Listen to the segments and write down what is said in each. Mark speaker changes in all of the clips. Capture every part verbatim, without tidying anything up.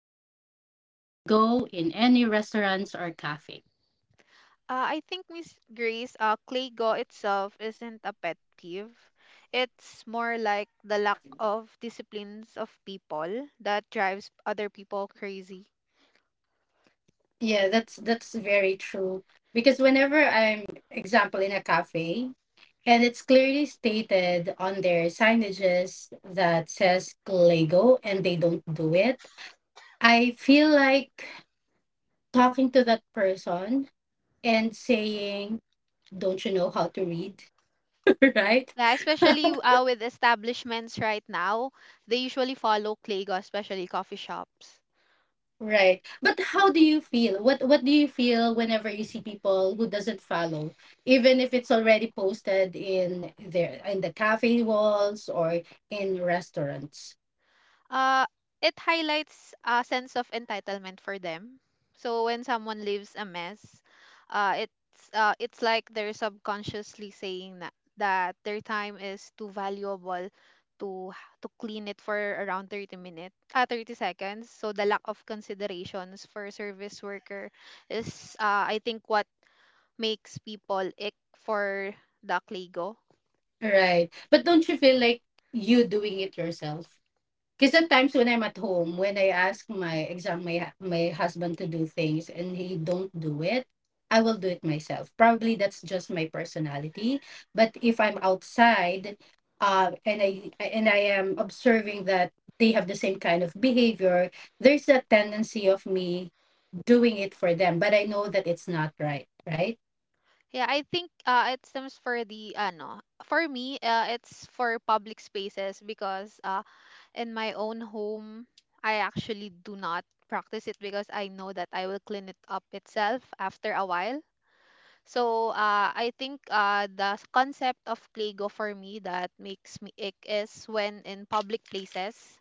Speaker 1: Clean as you go in any restaurants or cafe.
Speaker 2: Uh, I think Miss Grace, uh, Claygo itself isn't a pet peeve. It's more like the lack of disciplines of people that drives other people crazy.
Speaker 1: Yeah, that's that's very true. Because whenever I'm, example, in a cafe, and it's clearly stated on their signages that says Lego and they don't do it, I feel like talking to that person and saying, "Don't you know how to read?" right?
Speaker 2: Yeah, especially uh, with establishments right now, they usually follow Claygo, especially coffee shops.
Speaker 1: Right. But how do you feel? What what do you feel whenever you see people who doesn't follow, even if it's already posted in there in the cafe walls or in restaurants?
Speaker 2: uh, it highlights a sense of entitlement for them. So when someone leaves a mess, uh, it's uh, it's like they're subconsciously saying that, that their time is too valuable to h- to clean it for around thirty minutes, uh, thirty seconds. So the lack of considerations for service worker is, uh, I think, what makes people ick for the Kligo.
Speaker 1: Right. But don't you feel like you doing it yourself? Because sometimes when I'm at home, when I ask my exam, my hu- my husband to do things and he don't do it, I will do it myself. Probably that's just my personality. But if I'm outside, uh, and I and I am observing that they have the same kind of behavior, there's a tendency of me doing it for them, but I know that it's not right, right?
Speaker 2: Yeah, I think uh, it stems for the ano. For me, uh, it's for public spaces because uh, in my own home, I actually do not practice it because I know that I will clean it up itself after a while. So uh, I think uh, the s- concept of Lego for me that makes me ick is when in public places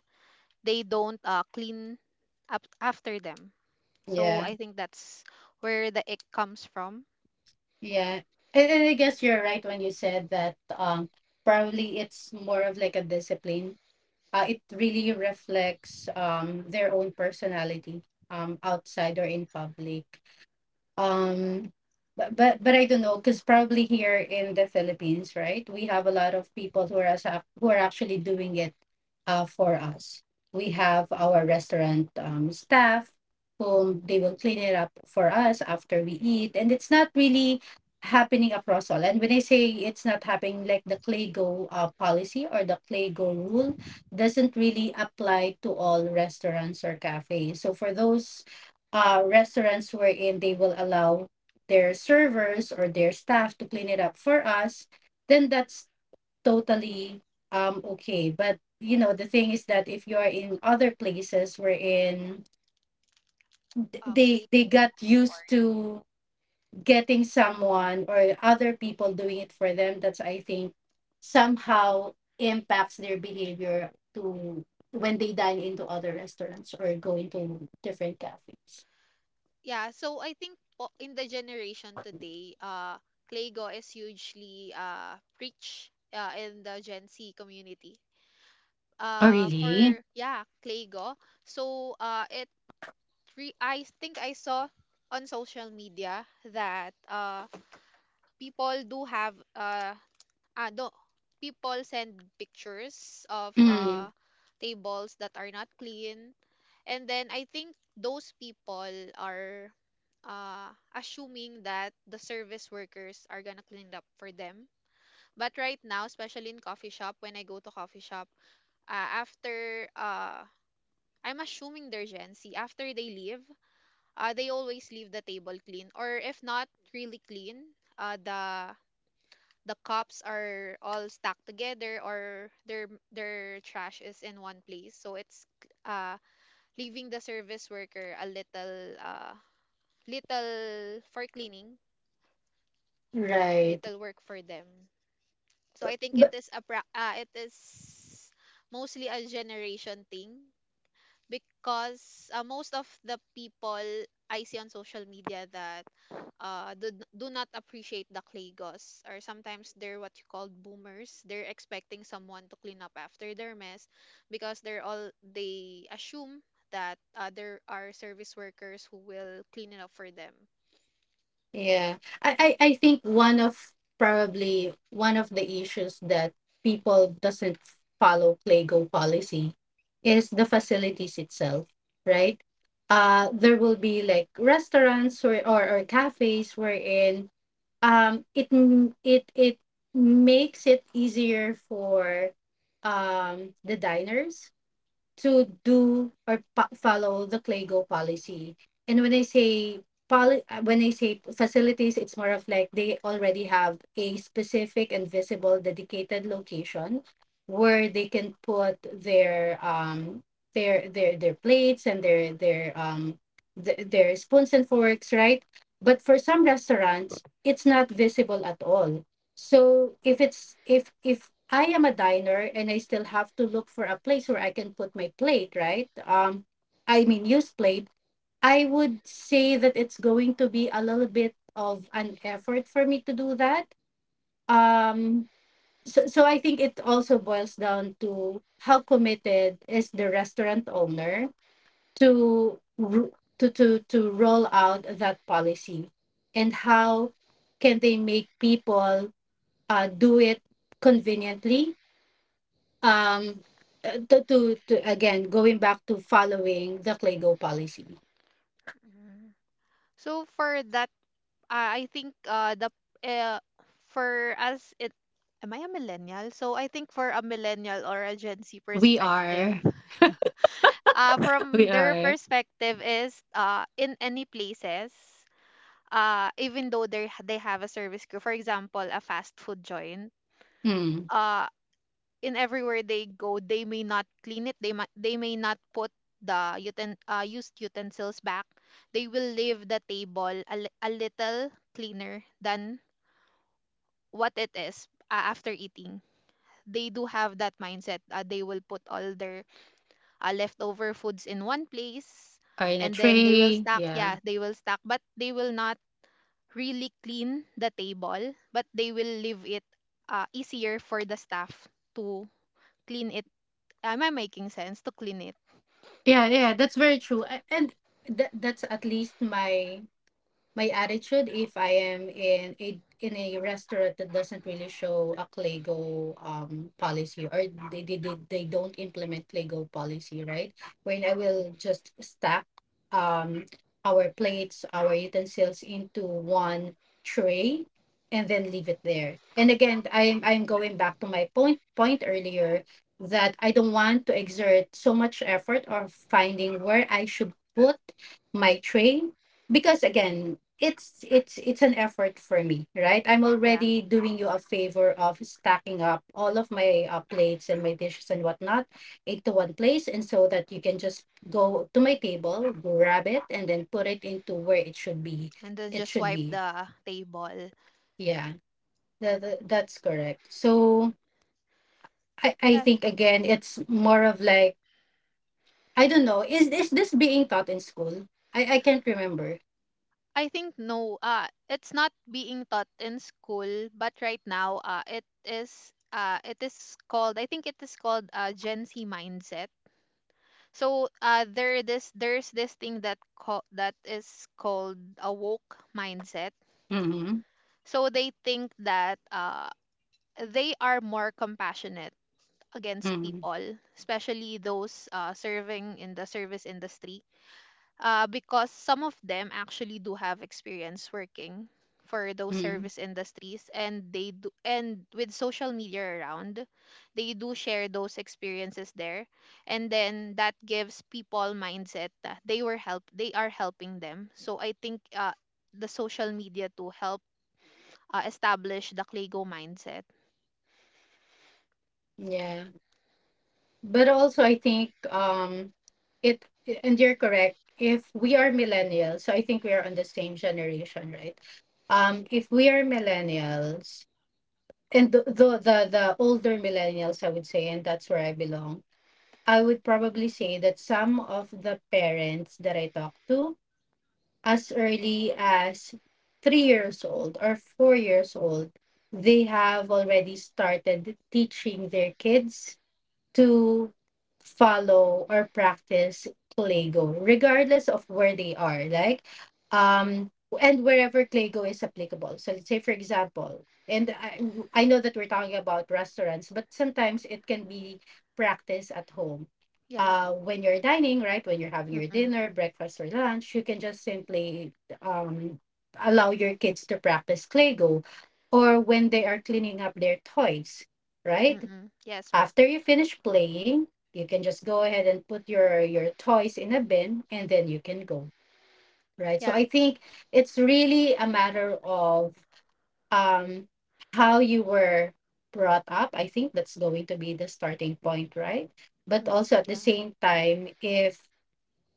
Speaker 2: they don't uh, clean up after them. So
Speaker 1: Yeah,
Speaker 2: I think that's where the ick comes from.
Speaker 1: yeah. And, and I guess you're right when you said that um probably it's more of like a discipline, uh, it really reflects um, their own personality um, outside or in public. um but but, but I don't know, because probably here in the Philippines, right, we have a lot of people who are as- who are actually doing it uh, for us. We have our restaurant um, staff whom they will clean it up for us after we eat, and it's not really happening across all. And when I say it's not happening, like the Clay Go uh, policy or the Clay Go rule doesn't really apply to all restaurants or cafes. So for those uh, restaurants wherein they will allow their servers or their staff to clean it up for us, then that's totally um okay. But you know the thing is that if you are in other places wherein th-
Speaker 2: Uh, clay
Speaker 1: they they got used
Speaker 2: territory.
Speaker 1: to getting someone or other people doing it for them, that's, I think, somehow impacts their behavior to when they dine into other restaurants or go into different cafes.
Speaker 2: Yeah, so I think po- in the generation today, uh, Claygo is hugely uh, preached uh, in the Gen Z community.
Speaker 1: Oh,
Speaker 2: Uh,
Speaker 1: really?
Speaker 2: for yeah, Claygo. So uh, it re- I think I saw on social media that uh, people do have uh, ah no, people send pictures of uh tables that are not clean, and then I think those people are uh, assuming that the service workers are gonna clean up for them. But right now, especially in coffee shop, when I go to coffee shop, uh, after uh, I'm assuming they're Gen Z. After they leave, uh, they always leave the table clean, or if not really clean, uh, the the cups are all stacked together, or their their trash is in one place, so it's uh leaving the service worker a little uh little for cleaning, a
Speaker 1: Right.
Speaker 2: little work for them. So I think it
Speaker 1: But
Speaker 2: is a pra- uh, it is mostly a generation thing because uh, most of the people I see on social media that uh, do, do not appreciate the Klagos, or sometimes they're what you call boomers. They're expecting someone to clean up after their mess because they're all they assume that uh, there are service workers who will clean it up for them.
Speaker 1: yeah, I, I I think one of, probably one of the issues that people doesn't follow Playgo policy is the facilities itself, right? Uh, there will be like restaurants or or, or cafes wherein um it m- it it makes it easier for um the diners to do or pa- follow the Claygo policy. And when I say poli- uh, when I say facilities, it's more of like they already have a specific and visible dedicated location where they can put their um their their their plates and their their um th- their spoons and forks, right? But for some restaurants, it's not visible at all. So if it's, if if I am a diner and I still have to look for a place where I can put my plate, right? Um, I mean used plate, I would say that it's going to be a little bit of an effort for me to do that. Um, so, so I think it also boils down to how committed is the restaurant owner to ru- to to to roll out that policy, and how can they make people uh, do it conveniently. Um, uh, to, to, to again, going back to following the Claygo policy.
Speaker 2: Mm. So for that, uh, I think uh, the uh, for us it, am I a millennial? So I think for a millennial or a Gen Z
Speaker 1: We
Speaker 2: perspective,
Speaker 1: are.
Speaker 2: uh,
Speaker 1: We
Speaker 2: from their
Speaker 1: are.
Speaker 2: perspective is uh, in any places, uh, even though they they have a service crew, for example a fast food joint,
Speaker 1: Mm.
Speaker 2: uh, in everywhere they go they may not clean it, they might they may not put the uten- uh, used utensils back. They will leave the table a, li- a little cleaner than what it is uh, after eating. They do have that mindset, uh, they will put all their uh, leftover foods in one place,
Speaker 1: Are in a
Speaker 2: and then they will
Speaker 1: tray.
Speaker 2: stack,
Speaker 1: Yeah.
Speaker 2: yeah, they will stack but they will not really clean the table, but they will leave it uh, easier for the staff to clean it. Am I making sense? To clean it.
Speaker 1: Yeah, yeah, that's very true. A- And th- that's at least my my attitude if I am in a in a restaurant that doesn't really show a Clego um policy, or they they, they, they don't implement Clego policy, right? When I will just stack um our plates, our utensils into one tray and then leave it there. And again, I'm I'm going back to my point point earlier, that I don't want to exert so much effort or finding where I should put my tray, because again it's it's it's an effort for me, right? I'm
Speaker 2: Yeah.
Speaker 1: already doing you a favor of stacking up all of my uh, plates and my dishes and whatnot into one place, and so that you can just go to my table, grab it, and then put it into where it should be,
Speaker 2: And then
Speaker 1: it
Speaker 2: just
Speaker 1: should
Speaker 2: wipe
Speaker 1: be
Speaker 2: the table.
Speaker 1: yeah, that, that- that's correct. So i i
Speaker 2: Yes.
Speaker 1: think again it's more of like, I don't know, is is this being taught in school? i i can't remember.
Speaker 2: I think no, uh it's not being taught in school, but right now uh it is uh it is called, I think it is called uh Gen Z mindset. So uh, there this there's this thing that call, that is called a woke mindset.
Speaker 1: Mm-hmm.
Speaker 2: So they think that uh, they are more compassionate against
Speaker 1: Mm-hmm.
Speaker 2: people, especially those uh, serving in the service industry, uh, because some of them actually do have experience working for those
Speaker 1: Mm-hmm.
Speaker 2: service industries, and they do, and with social media around they do share those experiences there, and then that gives people mindset that they were help they are helping them. So I think uh, the social media to help uh, establish the Clego mindset.
Speaker 1: Yeah, but also I think um it, and you're correct, if we are millennials, so I think we are on the same generation, right? um if we are millennials, and the the the, the older millennials, I would say, and that's where I belong, I would probably say that some of the parents that I talk to as early as three years old or four years old, they have already started teaching their kids to follow or practice Claygo, regardless of where they are, like, um and wherever Claygo is applicable. So let's say for example, and I I know that we're talking about restaurants, but sometimes it can be practiced at home.
Speaker 2: Yeah.
Speaker 1: Uh, when you're dining, right? When you're having your
Speaker 2: Mm-mm,
Speaker 1: dinner, breakfast, or lunch, you can just simply um, allow your kids to practice Claygo, or when they are cleaning up their toys, right?
Speaker 2: mm-mm. Yes.
Speaker 1: After you finish playing, you can just go ahead and put your your toys in a bin and then you can go, right? So
Speaker 2: Yeah.
Speaker 1: I think it's really a matter of um how you were brought up. I think that's going to be the starting point, right? But
Speaker 2: Mm,
Speaker 1: also at the
Speaker 2: yeah.
Speaker 1: same time, if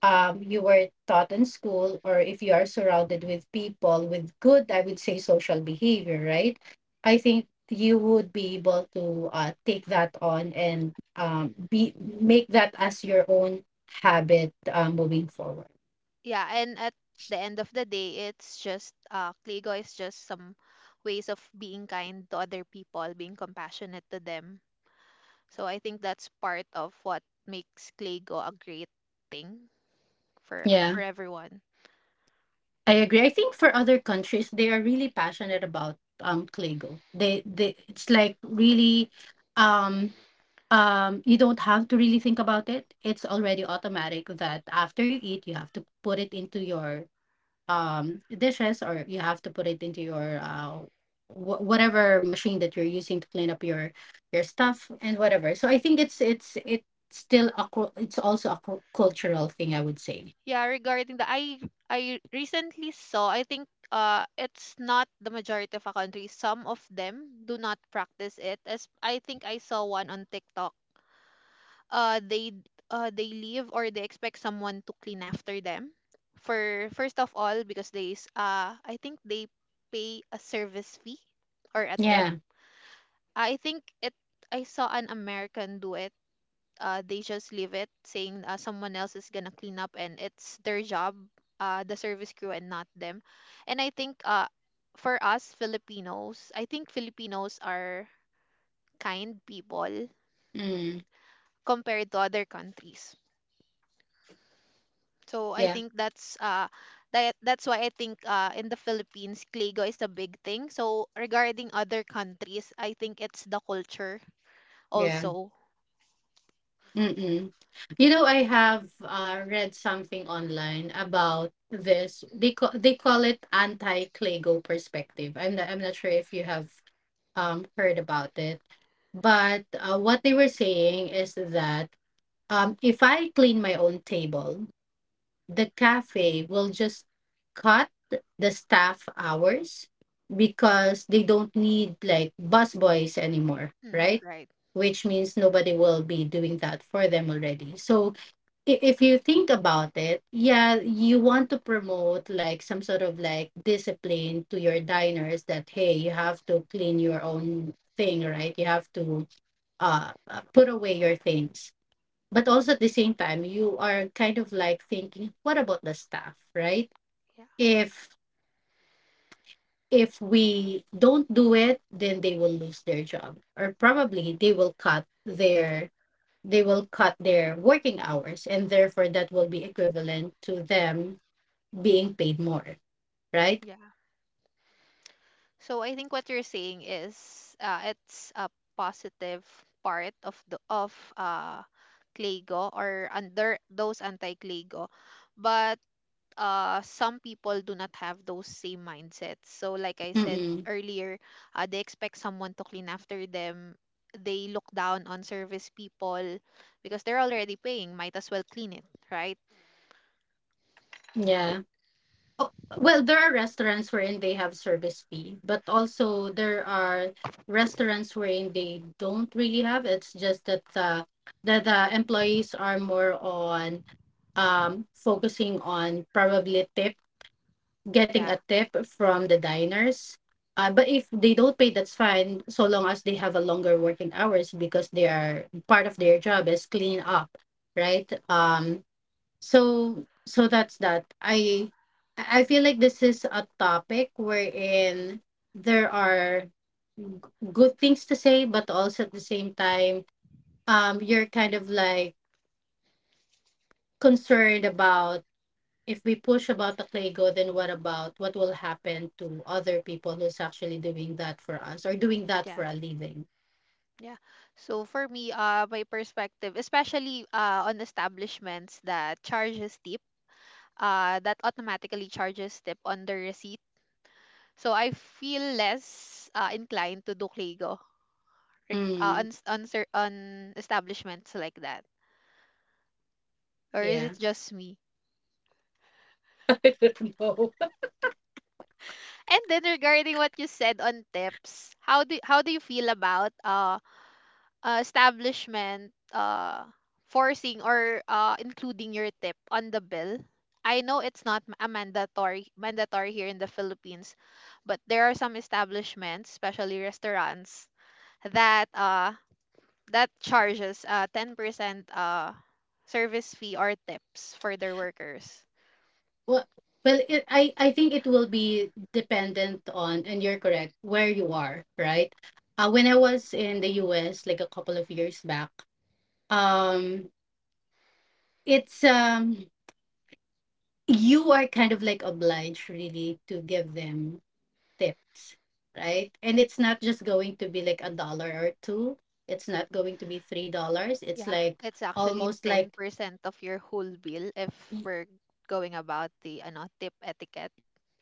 Speaker 1: um, you were taught in school, or if you are surrounded with people with good, I would say, social behavior, right? I think you would be able to uh, take that on and um, be make that as your own habit, uh, moving forward.
Speaker 2: Yeah, and at the end of the day, it's just, uh, Kligo is just some ways of being kind to other people, being compassionate to them. So I think that's part of what makes Kligo a great thing for
Speaker 1: Yeah,
Speaker 2: for everyone.
Speaker 1: I agree. I think for other countries, they are really passionate about um Kligo. They they it's like really um Um, you don't have to really think about it. It's already automatic that after you eat, you have to put it into your um dishes, or you have to put it into your uh wh- whatever machine that you're using to clean up your your stuff and whatever. So I think it's it's it's still a cul- it's also a cul- cultural thing, I would say.
Speaker 2: Yeah, regarding the, I I recently saw, I think uh it's not the majority of a country. Some of them do not practice it. As I think I saw one on TikTok. uh they uh they leave, or they expect someone to clean after them, for first of all because they s- uh I think they pay a service fee or a tip.
Speaker 1: Yeah.
Speaker 2: I think it, I saw an American do it. Uh they just leave it, saying uh, someone else is gonna clean up and it's their job, uh the service crew and not them. And I think uh for us Filipinos, I think Filipinos are kind people
Speaker 1: Mm.
Speaker 2: compared to other countries. So I
Speaker 1: Yeah.
Speaker 2: think that's uh that that's why I think uh in the Philippines Kligo is a big thing. So regarding other countries, I think it's the culture
Speaker 1: Yeah.
Speaker 2: also.
Speaker 1: Mm. You know, I have uh, read something online about this. They call, they call it anti-Clago perspective. I'm not, I'm not sure if you have um heard about it, but uh, what they were saying is that um if I clean my own table, the cafe will just cut the staff hours, because they don't need like busboys anymore,
Speaker 2: Mm,
Speaker 1: right?
Speaker 2: right.
Speaker 1: Which means nobody will be doing that for them already. So i- if you think about it, yeah, you want to promote like some sort of like discipline to your diners, that hey, you have to clean your own thing, right? You have to uh uh, put away your things, but also at the same time, you are kind of like thinking, what about the staff, right?
Speaker 2: Yeah.
Speaker 1: If if we don't do it, then they will lose their job, or probably they will cut their they will cut their working hours, and therefore that will be equivalent to them being paid more, right?
Speaker 2: Yeah. So I think what you're saying is uh it's a positive part of the of uh Kligo, or under those anti-Kligo. But uh, some people do not have those same mindsets. So, like I said
Speaker 1: Mm-mm.
Speaker 2: earlier, uh, they expect someone to clean after them. They look down on service people because they're already paying. Might as well clean it, right?
Speaker 1: Yeah. Oh, well, there are restaurants wherein they have service fee, but also there are restaurants wherein they don't really have. It's just that uh, that the employees are more on um focusing on probably tip, getting a
Speaker 2: Yeah,
Speaker 1: tip from the diners. Uh, but if they don't pay, that's fine, so long as they have a longer working hours because they are part of their job is clean up, right? Um, so so that's that, i i feel like this is a topic wherein there are g- good things to say, but also at the same time, um you're kind of like concerned about if we push about the Clay God, then what about, what will happen to other people who's actually doing that for us or doing that for
Speaker 2: yeah,
Speaker 1: a living?
Speaker 2: yeah. So for me, uh, my perspective, especially uh, on establishments that charges tip, uh, that automatically charges tip on the receipt. So I feel less uh, inclined to do Clego reg- uh,
Speaker 1: Hmm.
Speaker 2: on, s- on, cer- on establishments like that? Or is
Speaker 1: Yeah.
Speaker 2: it just me?
Speaker 1: I don't know.
Speaker 2: And then regarding what you said on tips, how do how do you feel about uh, uh establishment uh forcing or uh including your tip on the bill? I know it's not m- a mandatory mandatory here in the Philippines, but there are some establishments, especially restaurants, that uh that charges uh ten percent uh service fee or tips for their workers.
Speaker 1: Well, well, it, I I think it will be dependent on, and you're correct, where you are, right? Uh, when I was in the U S, like a couple of years back, um, it's um, you are kind of like obliged really to give them tips, right? And it's not just going to be like a dollar or two. It's not going to be three dollars. It's
Speaker 2: Yeah,
Speaker 1: like
Speaker 2: it's actually
Speaker 1: almost like.
Speaker 2: ten percent of your whole bill if we're going about the ano, tip etiquette.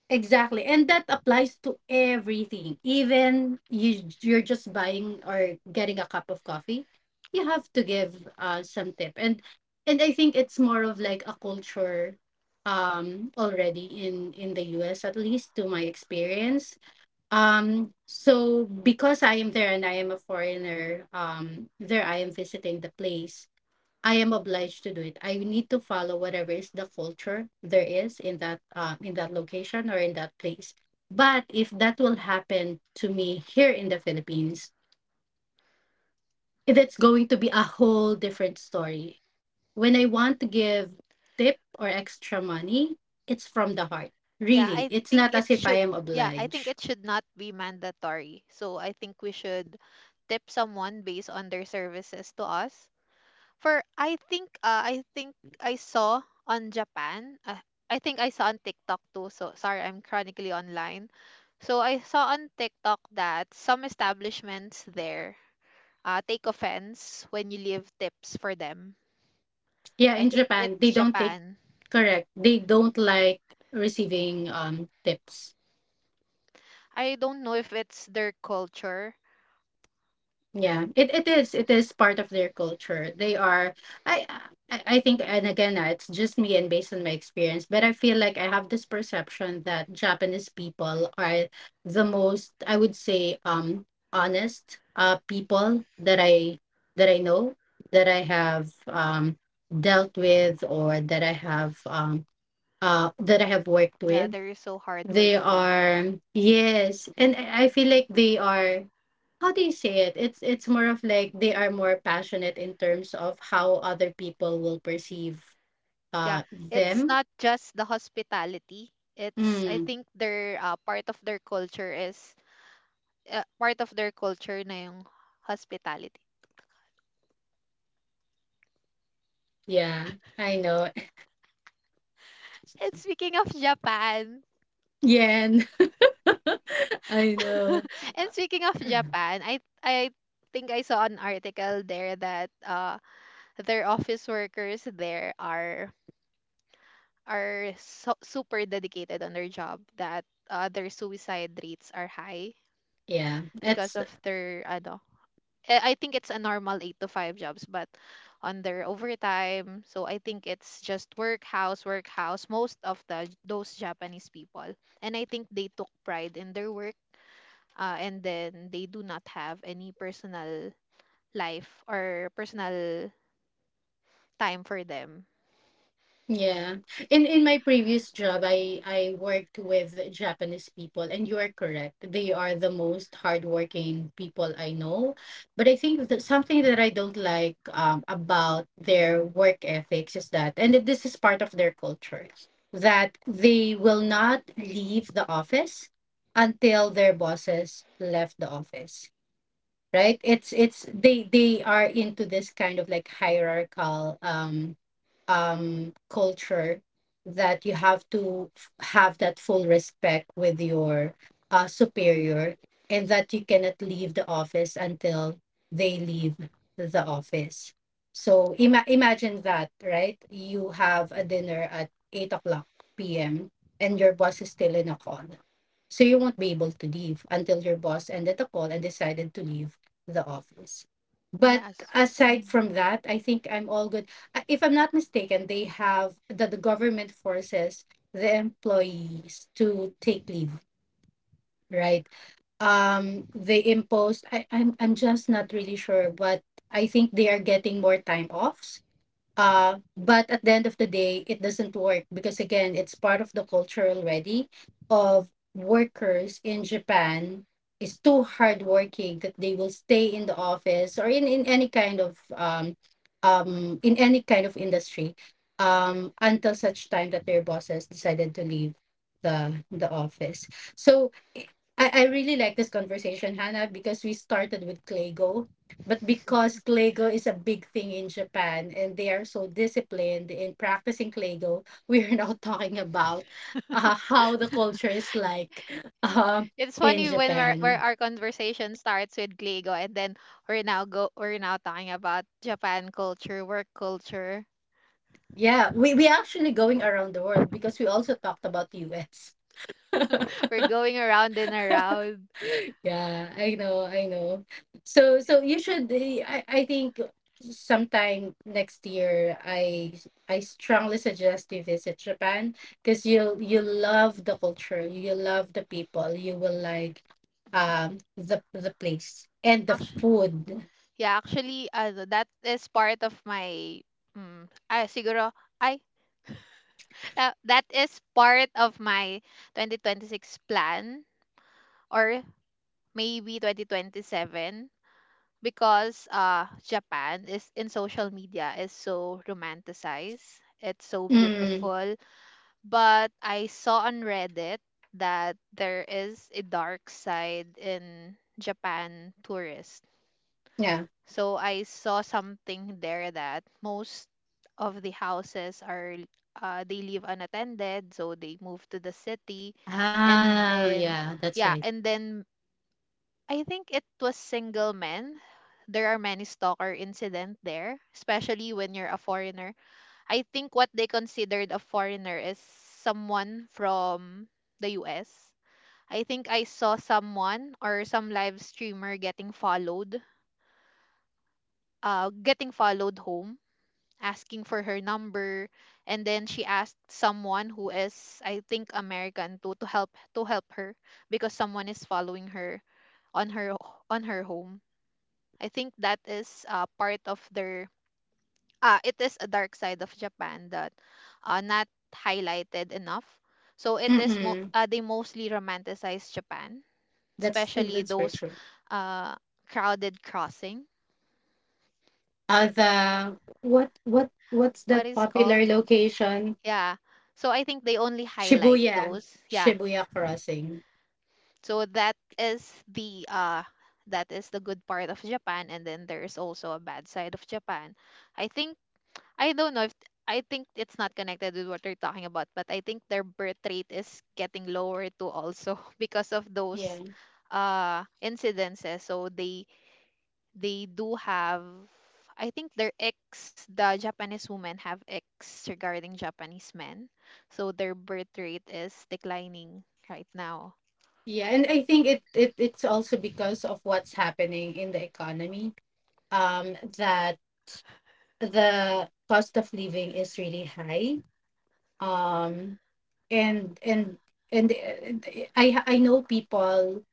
Speaker 1: Exactly. And that applies to everything. Even you you're just buying or getting a cup of coffee, you have to give uh some tip. And and I think it's more of like a culture um already in in the U S, at least to my experience. Um so because I am there and I am a foreigner, um there I am visiting the place. I am obliged to do it. I need to follow whatever is the culture there is in that um, in that location or in that place. But if that will happen to me here in the Philippines, it's going to be a whole different story. When I want to give tip or extra money, it's from the heart.
Speaker 2: Yeah,
Speaker 1: Really,
Speaker 2: I
Speaker 1: it's
Speaker 2: think
Speaker 1: not
Speaker 2: it
Speaker 1: as if I
Speaker 2: should,
Speaker 1: am
Speaker 2: yeah, I think
Speaker 1: obliged.
Speaker 2: it should not be mandatory. So I think we should tip someone based on their services to us. For I think uh, I think I saw on Japan, uh, I think I saw on TikTok too. So sorry, I'm chronically online. So I saw on TikTok that some establishments there uh, take offense when you leave tips for them.
Speaker 1: Yeah,
Speaker 2: I
Speaker 1: in
Speaker 2: think
Speaker 1: Japan,
Speaker 2: it's
Speaker 1: they don't take
Speaker 2: Japan.
Speaker 1: correct. They don't like receiving um tips.
Speaker 2: I don't know if it's their culture.
Speaker 1: Yeah, it, it is it is part of their culture. They are I I I think, and again, uh, it's just me and based on my experience, but I feel like I have this perception that Japanese people are the most, I would say, um honest uh people that I that I know, that I have um dealt with, or that I have um uh that I have worked
Speaker 2: Yeah,
Speaker 1: with.
Speaker 2: they're so
Speaker 1: They
Speaker 2: hardworking.
Speaker 1: are, yes, and I I feel like they are, how do you say it? It's it's more of like they are more passionate in terms of how other people will perceive
Speaker 2: Yeah,
Speaker 1: uh
Speaker 2: it's
Speaker 1: them.
Speaker 2: not just the hospitality. It's, I
Speaker 1: Mm,
Speaker 2: think their uh, part of their culture is uh, part of their culture na yung hospitality.
Speaker 1: yeah, I know.
Speaker 2: And speaking of Japan,
Speaker 1: Yen. I know.
Speaker 2: and speaking of Japan, I I think I saw an article there that uh their office workers there are are so, super dedicated on their job that uh, their suicide rates are high
Speaker 1: Yeah,
Speaker 2: because
Speaker 1: that's
Speaker 2: of their ano. I I think it's a normal eight to five jobs but on their overtime. So I think it's just work house work house most of the those Japanese people. And I think they took pride in their work, uh, and then they do not have any personal life or personal time for them.
Speaker 1: Yeah. In in my previous job, I I worked with Japanese people, and you are correct. They are the most hardworking people I know. But I think that something that I don't like um about their work ethics is that, and this is part of their culture, that they will not leave the office until their bosses left the office, right? It's it's they they are into this kind of like hierarchical um um culture that you have to f- have that full respect with your uh superior, and that you cannot leave the office until they leave the office. So ima- imagine that, right? You have a dinner at eight o'clock pm and your boss is still in a call, so you won't be able to leave until your boss ended the call and decided to leave the office. But
Speaker 2: Yes.
Speaker 1: aside from that, I think I'm all good. Uh, If I'm not mistaken, they have that the government forces the employees to take leave, right? Um, they imposed. I, I'm I'm just not really sure, but I think they are getting more time off, uh but at the end of the day it doesn't work because again it's part of the culture already of workers in Japan, is too hardworking that they will stay in the office or in in any kind of um um in any kind of industry, um until such time that their bosses decided to leave the the office. So I, I really like this conversation, Hannah, because we started with Claygo, but because Kleigo is a big thing in Japan and they are so disciplined in practicing Kleigo, we are now talking about uh, how the culture is like
Speaker 2: Okay.
Speaker 1: um
Speaker 2: It's
Speaker 1: in
Speaker 2: funny when we're, where
Speaker 1: Japan.
Speaker 2: our conversation starts with Gligo and then we're now go we're now talking about Japan culture, work culture.
Speaker 1: Yeah, we, we actually going around the world because we also talked about U S.
Speaker 2: We're going around and around.
Speaker 1: Yeah, I know, I know. So so you should eh, I I think sometime next year I I strongly suggest you visit Japan because you'll you love the culture, you love the people, you will like um the the place and the
Speaker 2: Actually,
Speaker 1: food.
Speaker 2: yeah, actually uh, that is part of my mm, ay siguro ay uh, that is part of my twenty twenty-six plan or maybe twenty twenty-seven because uh Japan is in social media is so romanticized. It's so
Speaker 1: Mm,
Speaker 2: beautiful, but I saw on Reddit that there is a dark side in Japan tourists.
Speaker 1: yeah.
Speaker 2: So I saw something there that most of the houses are, uh, they leave unattended, so they move to the city, and
Speaker 1: Ah,
Speaker 2: then,
Speaker 1: yeah, that's
Speaker 2: yeah,
Speaker 1: right.
Speaker 2: and then I think it was single men. There are many stalker incident there, especially when you're a foreigner. I think what they considered a foreigner is someone from the U S. I think I saw someone or some live streamer getting followed, uh, getting followed home, asking for her number, and then she asked someone who is, I think, American to to help to help her because someone is following her on her on her home. I think that is uh, part of their uh, it is a dark side of Japan that uh, not highlighted enough. So it is mo-
Speaker 1: Mm-mm.
Speaker 2: uh, they mostly romanticize Japan,
Speaker 1: That's
Speaker 2: especially
Speaker 1: that's very
Speaker 2: those
Speaker 1: true.
Speaker 2: uh, crowded crossing,
Speaker 1: Uh, the what what what's
Speaker 2: what
Speaker 1: that
Speaker 2: is called.
Speaker 1: popular location?
Speaker 2: Yeah. So I think they only highlight
Speaker 1: Shibuya,
Speaker 2: those. Yeah.
Speaker 1: Shibuya crossing.
Speaker 2: So that is the uh that is the good part of Japan, and then there is also a bad side of Japan. I think I don't know if I think it's not connected with what you're talking about, but I think their birth rate is getting lower too also because of those
Speaker 1: Yeah.
Speaker 2: uh incidences. So they they do have I think their ex the Japanese women have ex regarding Japanese men. So their birth rate is declining right now.
Speaker 1: Yeah, and I think it, it it's also because of what's happening in the economy. Um, that the cost of living is really high. Um, and and and uh, I I know people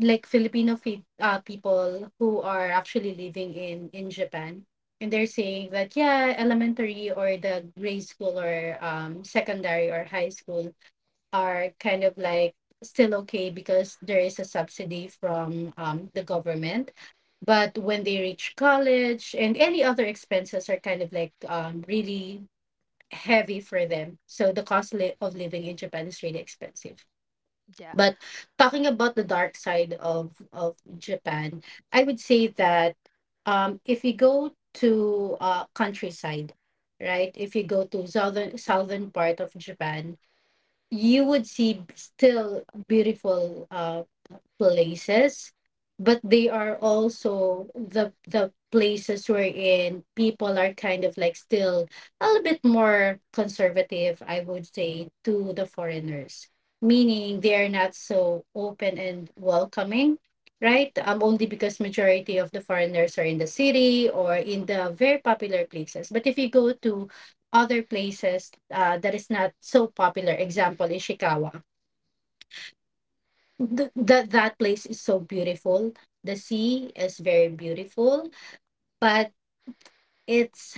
Speaker 1: like Filipino fe- uh, people who are actually living in in Japan, and they're saying that yeah, elementary or the grade school or um secondary or high school are kind of like still okay because there is a subsidy from um, the government. But when they reach college and any other expenses are kind of like um, really heavy for them. So the cost li- of living in Japan is really expensive.
Speaker 2: Yeah.
Speaker 1: But talking about the dark side of, of Japan, I would say that um, if you go to uh, countryside, right? If you go to southern southern part of Japan, you would see still beautiful uh, places, but they are also the the places wherein people are kind of like still a little bit more conservative, I would say, to the foreigners, meaning they are not so open and welcoming, right? Um only because majority of the foreigners are in the city or in the very popular places, but if you go to other places uh, that is not so popular, example Ishikawa, th- that that place is so beautiful. The sea is very beautiful, but it's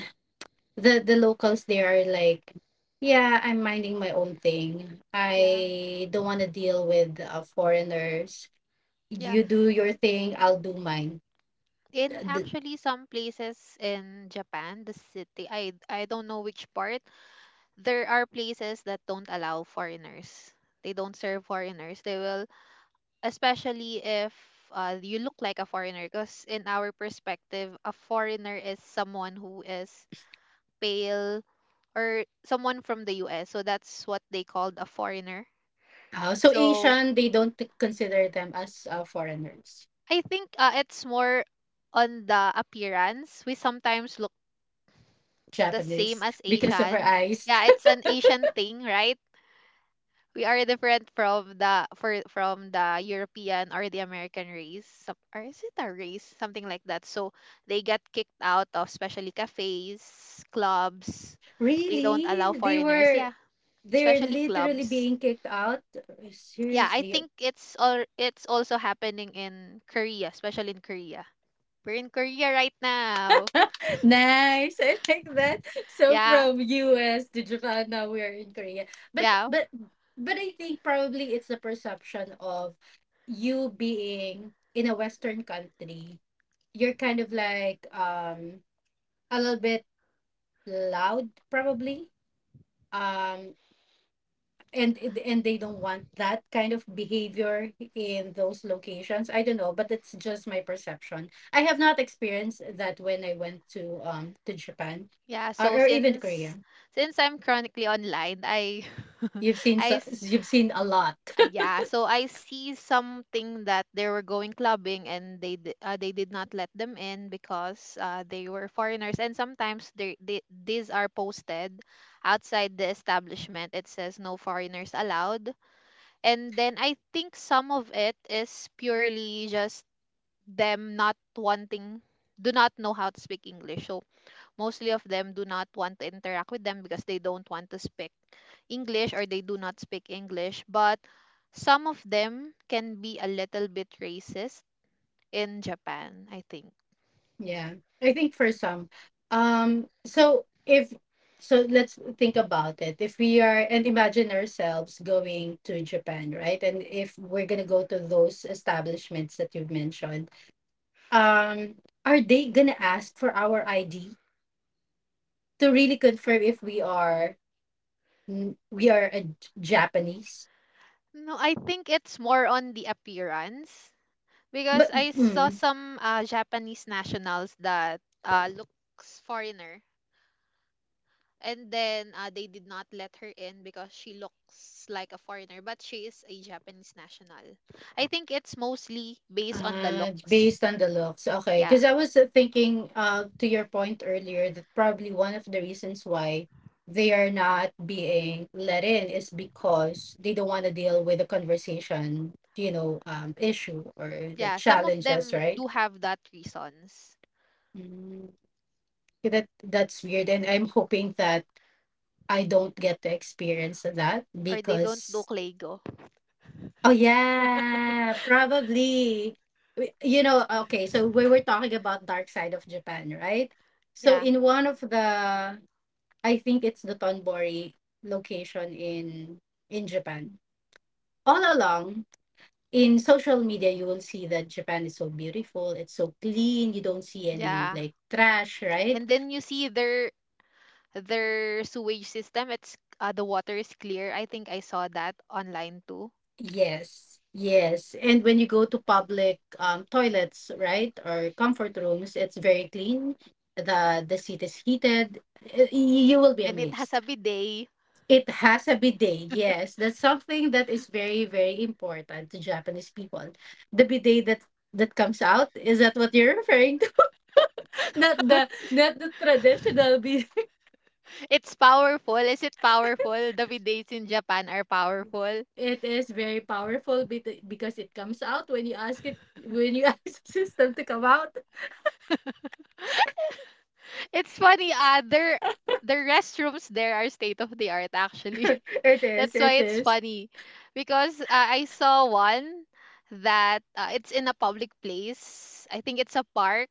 Speaker 1: the the locals there are like, yeah, I'm minding my own thing.
Speaker 2: Yeah.
Speaker 1: I don't want to deal with uh, foreigners.
Speaker 2: Yeah.
Speaker 1: You do your thing, I'll do mine.
Speaker 2: In
Speaker 1: The,
Speaker 2: Actually, some places in Japan, the city, I I don't know which part, there are places that don't allow foreigners. They don't serve foreigners. They will, especially if uh, you look like a foreigner, because in our perspective, a foreigner is someone who is pale or someone from the U S. So that's what they called a foreigner.
Speaker 1: uh, so
Speaker 2: So
Speaker 1: Asian, they don't t- consider them as uh, foreigners.
Speaker 2: I think uh, it's more on the appearance. We sometimes look the same
Speaker 1: Japanese,
Speaker 2: as
Speaker 1: because of her
Speaker 2: Asian.
Speaker 1: eyes,
Speaker 2: Yeah, it's an Asian thing, right? We are different from the for from the European or the American race. Some, or is it a race? Something like that. So they get kicked out of especially cafes, clubs. They don't allow
Speaker 1: really, they
Speaker 2: foreigners.
Speaker 1: were
Speaker 2: Yeah,
Speaker 1: they're
Speaker 2: especially
Speaker 1: literally
Speaker 2: clubs.
Speaker 1: being kicked out
Speaker 2: Yeah, I
Speaker 1: seriously.
Speaker 2: think it's all it's also happening in Korea, especially in Korea. We're in Korea right now.
Speaker 1: Nice. I like that. So
Speaker 2: Yeah,
Speaker 1: from U S to Japan, now we are in Korea. But
Speaker 2: yeah,
Speaker 1: but but I think probably it's the perception of you being in a Western country. You're kind of like um a little bit loud probably. Um and it- and they don't want that kind of behavior in those locations. I don't know, but it's just my perception. I have not experienced that when I went to um to Japan,
Speaker 2: yeah.
Speaker 1: or,
Speaker 2: So
Speaker 1: or even Korea.
Speaker 2: since since I'm chronically online, I
Speaker 1: You've seen so,
Speaker 2: I
Speaker 1: you've seen a lot.
Speaker 2: Uh, yeah, so I see something that they were going clubbing and they di- uh, they did not let them in because uh, they were foreigners, and sometimes they, they, these are posted outside the establishment. It says no foreigners allowed. And then I think some of it is purely just them not wanting, do not know how to speak English. So mostly of them do not want to interact with them because they don't want to speak English, or they do not speak English. But some of them can be a little bit racist in Japan, I think.
Speaker 1: Yeah, I think for some, um so if, so let's think about it, if we are and imagine ourselves going to Japan, right? And if we're going to go to those establishments that you've mentioned, um are they gonna ask for our ID to really confirm if we are n- we are a J- japanese,
Speaker 2: No, I think it's more on the appearance because
Speaker 1: but
Speaker 2: I saw
Speaker 1: mm,
Speaker 2: some uh, Japanese nationals that uh, looks foreigner, and then uh, they did not let her in because she looks like a foreigner, but she is a Japanese national. I think it's mostly based on the
Speaker 1: uh,
Speaker 2: looks.
Speaker 1: based on the looks, okay,
Speaker 2: Yeah.
Speaker 1: because I was uh, thinking uh to your point earlier that probably one of the reasons why they are not being let in is because they don't want to deal with the conversation, you know, um issue, or the
Speaker 2: Yeah. Some of
Speaker 1: challenges,
Speaker 2: them
Speaker 1: right?
Speaker 2: do have that reasons.
Speaker 1: Mm. That that's weird, and I'm hoping that I don't get to experience that
Speaker 2: Or they don't do
Speaker 1: because
Speaker 2: Clego.
Speaker 1: oh yeah, probably. We- You know, okay, so we were talking about Dark Side of Japan, right? So
Speaker 2: Yeah.
Speaker 1: in one of the I think it's the Tonbori location in in Japan. All along in social media you will see that Japan is so beautiful, it's so clean, you don't see any
Speaker 2: Yeah.
Speaker 1: like trash, right?
Speaker 2: And then you see their their sewage system, it's uh, the water is clear. I think I saw that online too.
Speaker 1: Yes, yes. And when you go to public um, toilets, right, or comfort rooms, it's very clean. The the seat is heated. Y- y- You will be
Speaker 2: And it has
Speaker 1: amazed.
Speaker 2: a bidet.
Speaker 1: It has a bidet. Yes, that's something that is very, very important to Japanese people. The bidet that that comes out, is that what you're referring to? Not the not the traditional bidet.
Speaker 2: It's powerful. Is it powerful? The bidets in Japan are powerful.
Speaker 1: It is very powerful bit- because it comes out when you ask it, when you ask the system to come out.
Speaker 2: It's funny, uh, their their restrooms there are state of the art actually.
Speaker 1: It is,
Speaker 2: That's
Speaker 1: it
Speaker 2: why it's
Speaker 1: is.
Speaker 2: funny because uh, I saw one that uh, it's in a public place. I think it's a park,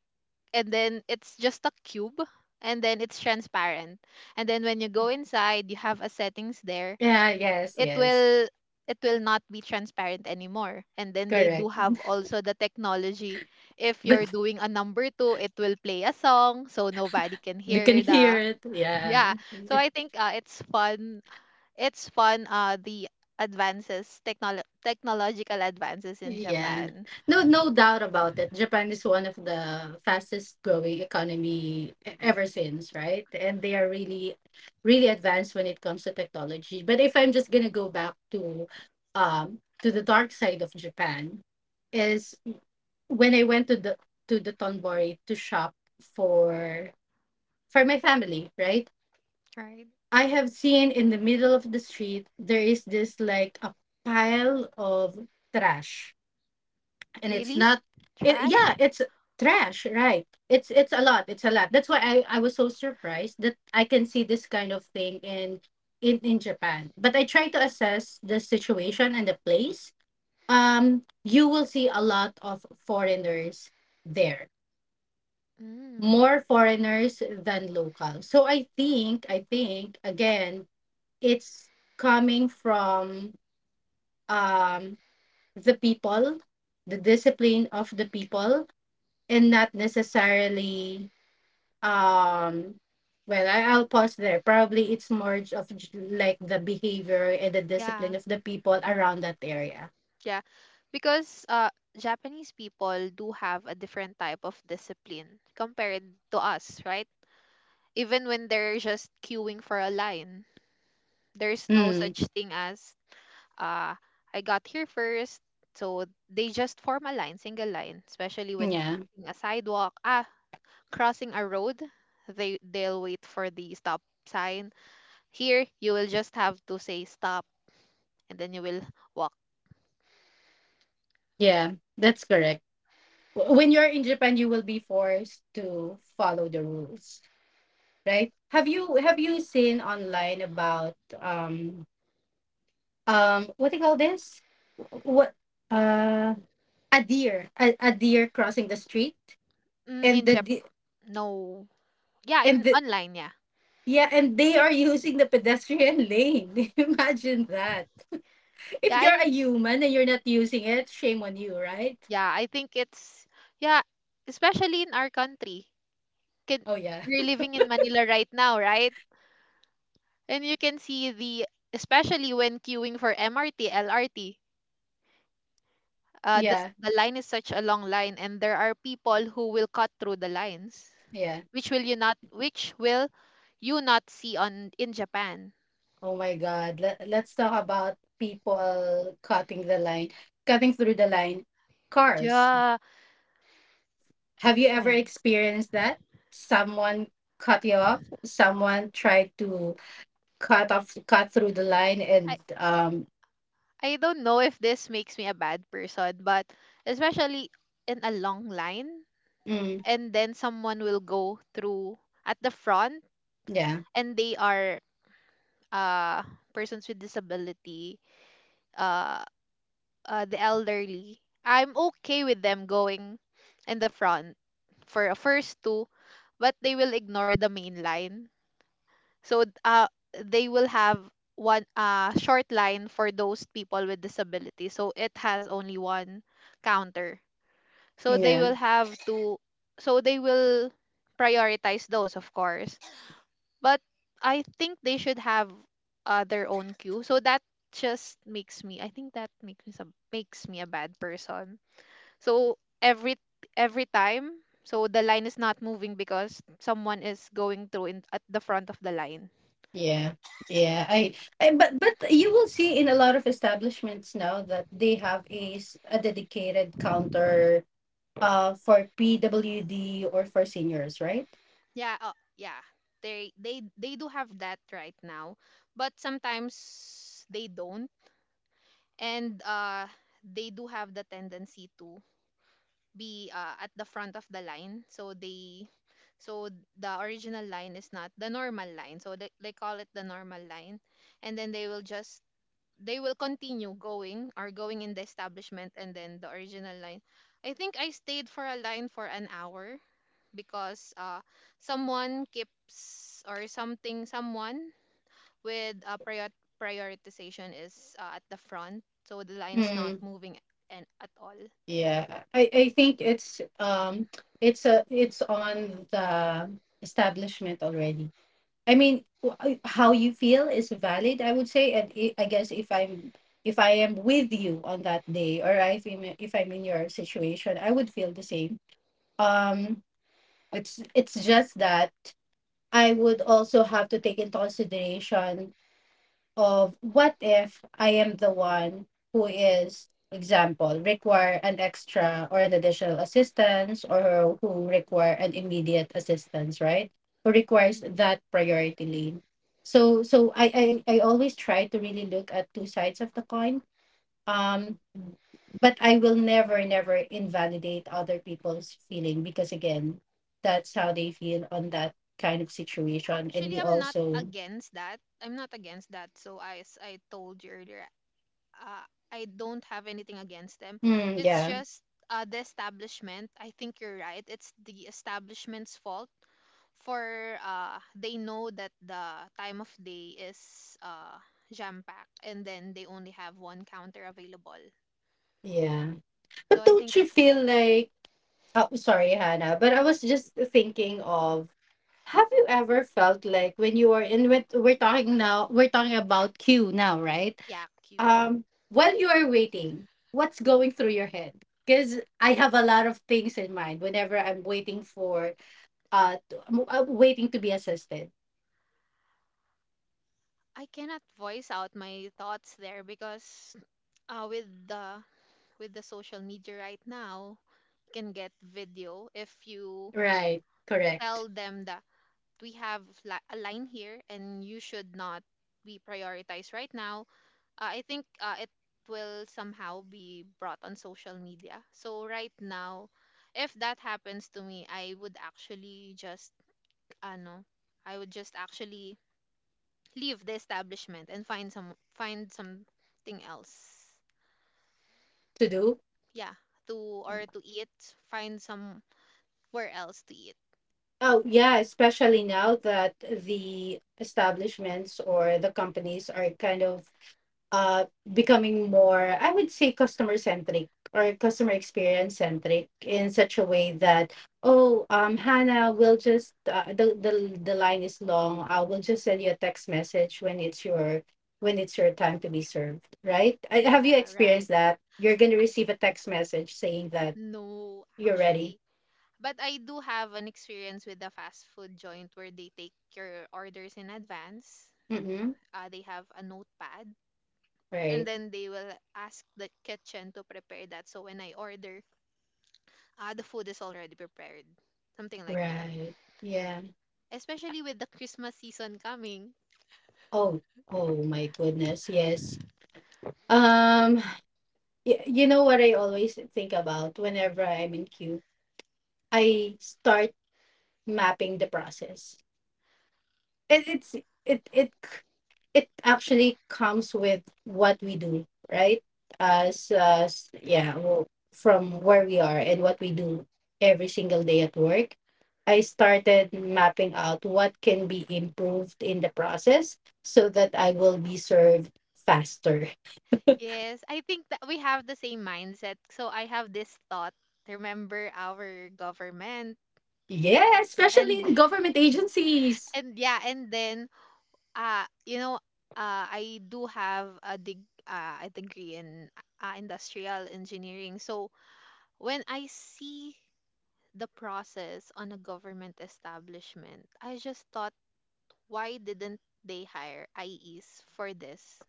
Speaker 2: and then it's just a cube, and then it's transparent. And then when you go inside, you have a settings there.
Speaker 1: Yeah, yes,
Speaker 2: It
Speaker 1: yes.
Speaker 2: will it will not be transparent anymore. And then they do
Speaker 1: Correct.
Speaker 2: have also the technology, if you're
Speaker 1: But
Speaker 2: doing a number two, it will play a song so nobody can
Speaker 1: they can
Speaker 2: hear
Speaker 1: hear
Speaker 2: the
Speaker 1: it. Yeah.
Speaker 2: yeah. So I think uh, it's fun it's fun, uh, the advances, technolo- technological advances in
Speaker 1: Yeah.
Speaker 2: Japan.
Speaker 1: No no doubt about it. Japan is one of the fastest growing economy e- ever since, right? And they are really really advanced when it comes to technology. But if I'm just going to go back to um to the dark side of Japan is when I went to the to the Tonbori to shop for for my family, right?
Speaker 2: Right.
Speaker 1: I have seen in the middle of the street there is this like a pile of trash, and it's
Speaker 2: Really?
Speaker 1: not it yeah
Speaker 2: Trash?
Speaker 1: it's trash, right? It's it's a lot, it's a lot. That's why I I was so surprised that I can see this kind of thing in in in Japan, but I try to assess the situation and the place. Um you will see a lot of foreigners there,
Speaker 2: Mm.
Speaker 1: more foreigners than locals. So I think I think again, it's coming from, um, the people, the discipline of the people, and not necessarily, um, well, I, I'll pause there. Probably it's more j- of j- like the behavior and the discipline
Speaker 2: Yeah.
Speaker 1: of the people around that area.
Speaker 2: Yeah. Because uh, Japanese people do have a different type of discipline compared to us, right? Even when they're just queuing for a line, there's no
Speaker 1: Mm,
Speaker 2: such thing as uh, I got here first. So they just form a line, single line, especially when
Speaker 1: yeah,
Speaker 2: crossing a sidewalk. Ah, crossing a road, they they'll wait for the stop sign. Here, you will just have to say stop, and then you will walk.
Speaker 1: yeah, that's correct. W- When you're in Japan, you will be forced to follow the rules, right? Have you have you seen online about um um what do you call this, what uh a deer a, a deer crossing the street,
Speaker 2: Mm,
Speaker 1: and
Speaker 2: in
Speaker 1: the
Speaker 2: Jap,
Speaker 1: de-
Speaker 2: no, yeah,
Speaker 1: and
Speaker 2: in
Speaker 1: the
Speaker 2: online, yeah,
Speaker 1: yeah, and they are using the pedestrian lane. Imagine that. If
Speaker 2: yeah,
Speaker 1: you're a
Speaker 2: and
Speaker 1: human and you're not using it, shame on you, right?
Speaker 2: yeah, I think it's yeah, especially in our country. Can
Speaker 1: Oh, yeah,
Speaker 2: you're living in Manila right now, right? And you can see the especially when queuing for M R T, L R T. Uh, the,
Speaker 1: yeah,
Speaker 2: the line is such a long line, and there are people who will cut through the lines.
Speaker 1: yeah.
Speaker 2: Which will you not which will you not see on in Japan.
Speaker 1: Oh my God, Let, let's talk about people cutting the line, cutting through the line, cars.
Speaker 2: Yeah.
Speaker 1: Have you ever
Speaker 2: My
Speaker 1: experienced that, someone cut you off, someone tried to cut off cut through the line,
Speaker 2: I
Speaker 1: and um
Speaker 2: I don't know if this makes me a bad person, but especially in a long line,
Speaker 1: mm,
Speaker 2: and then someone will go through at the front,
Speaker 1: yeah,
Speaker 2: and they are uh persons with disability, uh, uh the elderly. I'm okay with them going in the front for a first two, but they will ignore the main line. So th- uh, they will have one uh, short line for those people with disabilities. So it has only one counter. So they
Speaker 1: yeah,
Speaker 2: will have to, so they will prioritize those, of course. But I think they should have uh, their own queue. So that just makes me, I think that makes me, some, makes me a bad person. So every, every time, so the line is not moving because someone is going through in, at the front of the line.
Speaker 1: yeah, yeah. I, I but but you will see in a lot of establishments now that they have a, s- a dedicated counter, uh for P W D or for seniors, right?
Speaker 2: Yeah, uh, yeah. They they they do have that right now, but sometimes they don't, and uh, they do have the tendency to be uh, at the front of the line. So they, so the original line is not the normal line. So they they call it the normal line, and then they will just they will continue going or going in the establishment, and then the original line. I think I stayed for a line for an hour because uh, someone keeps or something someone with a prior- prioritization is uh, at the front, so the line is not
Speaker 1: Mm,
Speaker 2: moving. And at all.
Speaker 1: yeah, I I think it's, um it's a it's on the establishment already. I mean, wh- how you feel is valid, I would say. And i I guess, if I'm if I am with you on that day, or if I'm if I'm in your situation, I would feel the same. Um, it's it's just that I would also have to take into consideration of, what if I am the one who is, example, require an extra or an additional assistance, or who require an immediate assistance, right? Who requires
Speaker 2: Mm.
Speaker 1: that priority lane. So so I, I, I always try to really look at two sides of the coin. Um but I will never, never invalidate other people's feeling, because again, that's how they feel on that kind of situation. And
Speaker 2: Actually,
Speaker 1: we
Speaker 2: I'm not
Speaker 1: also.
Speaker 2: against that, i'm not against that so I- as I told you earlier, uh, I don't have anything against them.
Speaker 1: Mm,
Speaker 2: It's
Speaker 1: yeah.
Speaker 2: just uh, the establishment, I think you're right, it's the establishment's fault for uh they know that the time of day is uh jam packed, and then they only have one counter available.
Speaker 1: Yeah.
Speaker 2: So
Speaker 1: But
Speaker 2: I
Speaker 1: don't
Speaker 2: think
Speaker 1: you
Speaker 2: it's that.
Speaker 1: feel like, oh, sorry, Hannah, but
Speaker 2: No.
Speaker 1: I was just thinking of, have you ever felt like when you are in with, we're talking now, we're talking about queue now, right?
Speaker 2: Yeah, Q E.
Speaker 1: Um, while you are waiting, what's going through your head? Because I have a lot of things in mind whenever I'm waiting for, uh, to- am I'm waiting to be assisted.
Speaker 2: Cannot voice out my thoughts there because uh with the with the social media right now, you can get video if you
Speaker 1: Right,
Speaker 2: tell
Speaker 1: correct.
Speaker 2: them that we have li- a line here and you should not be prioritized right now. Uh, I think uh, It will somehow be brought on social media. So right now, if that happens to me, I would actually just ano, I would just actually leave the establishment and find some find something else.
Speaker 1: To do.
Speaker 2: Yeah, to or to eat, find somewhere else to eat.
Speaker 1: Oh, yeah, especially now that the establishments or the companies are kind of, uh, becoming more, I would say, customer centric or customer experience centric, in such a way that, oh, um, Hannah, we'll just, uh, the, the, the line is long. I will just send you a text message when it's your when it's your time to be served, right? I, have
Speaker 2: Yeah,
Speaker 1: you experienced
Speaker 2: right.
Speaker 1: that? You're going to receive a text message saying that
Speaker 2: No,
Speaker 1: you're ready.
Speaker 2: actually. But I do have an experience with a fast food joint where they take your orders in advance.
Speaker 1: Mm-hmm.
Speaker 2: Uh, they have a notepad, and
Speaker 1: Right.
Speaker 2: then they will ask the kitchen to prepare that, so when I order, ah, the food is already prepared, something like that,
Speaker 1: Right. Yeah.
Speaker 2: especially with the Christmas season coming.
Speaker 1: Oh, oh my goodness. Yes. Um, Y- you know what I always think about whenever I'm in queue? I start mapping the process. It, it's it it c- it actually comes with what we do, right? As as yeah, well, from where we are and what we do every single day at work. I started mapping out what can be improved in the process so that I will be served faster.
Speaker 2: Yes, I think that we have the same mindset. So I have this thought, remember our government,
Speaker 1: Yeah, especially
Speaker 2: and
Speaker 1: in government agencies.
Speaker 2: and yeah, and then uh you know uh I do have a dig uh, a degree in uh, industrial engineering. So when I see the process on a government establishment, I just thought, why didn't they hire I Es for this?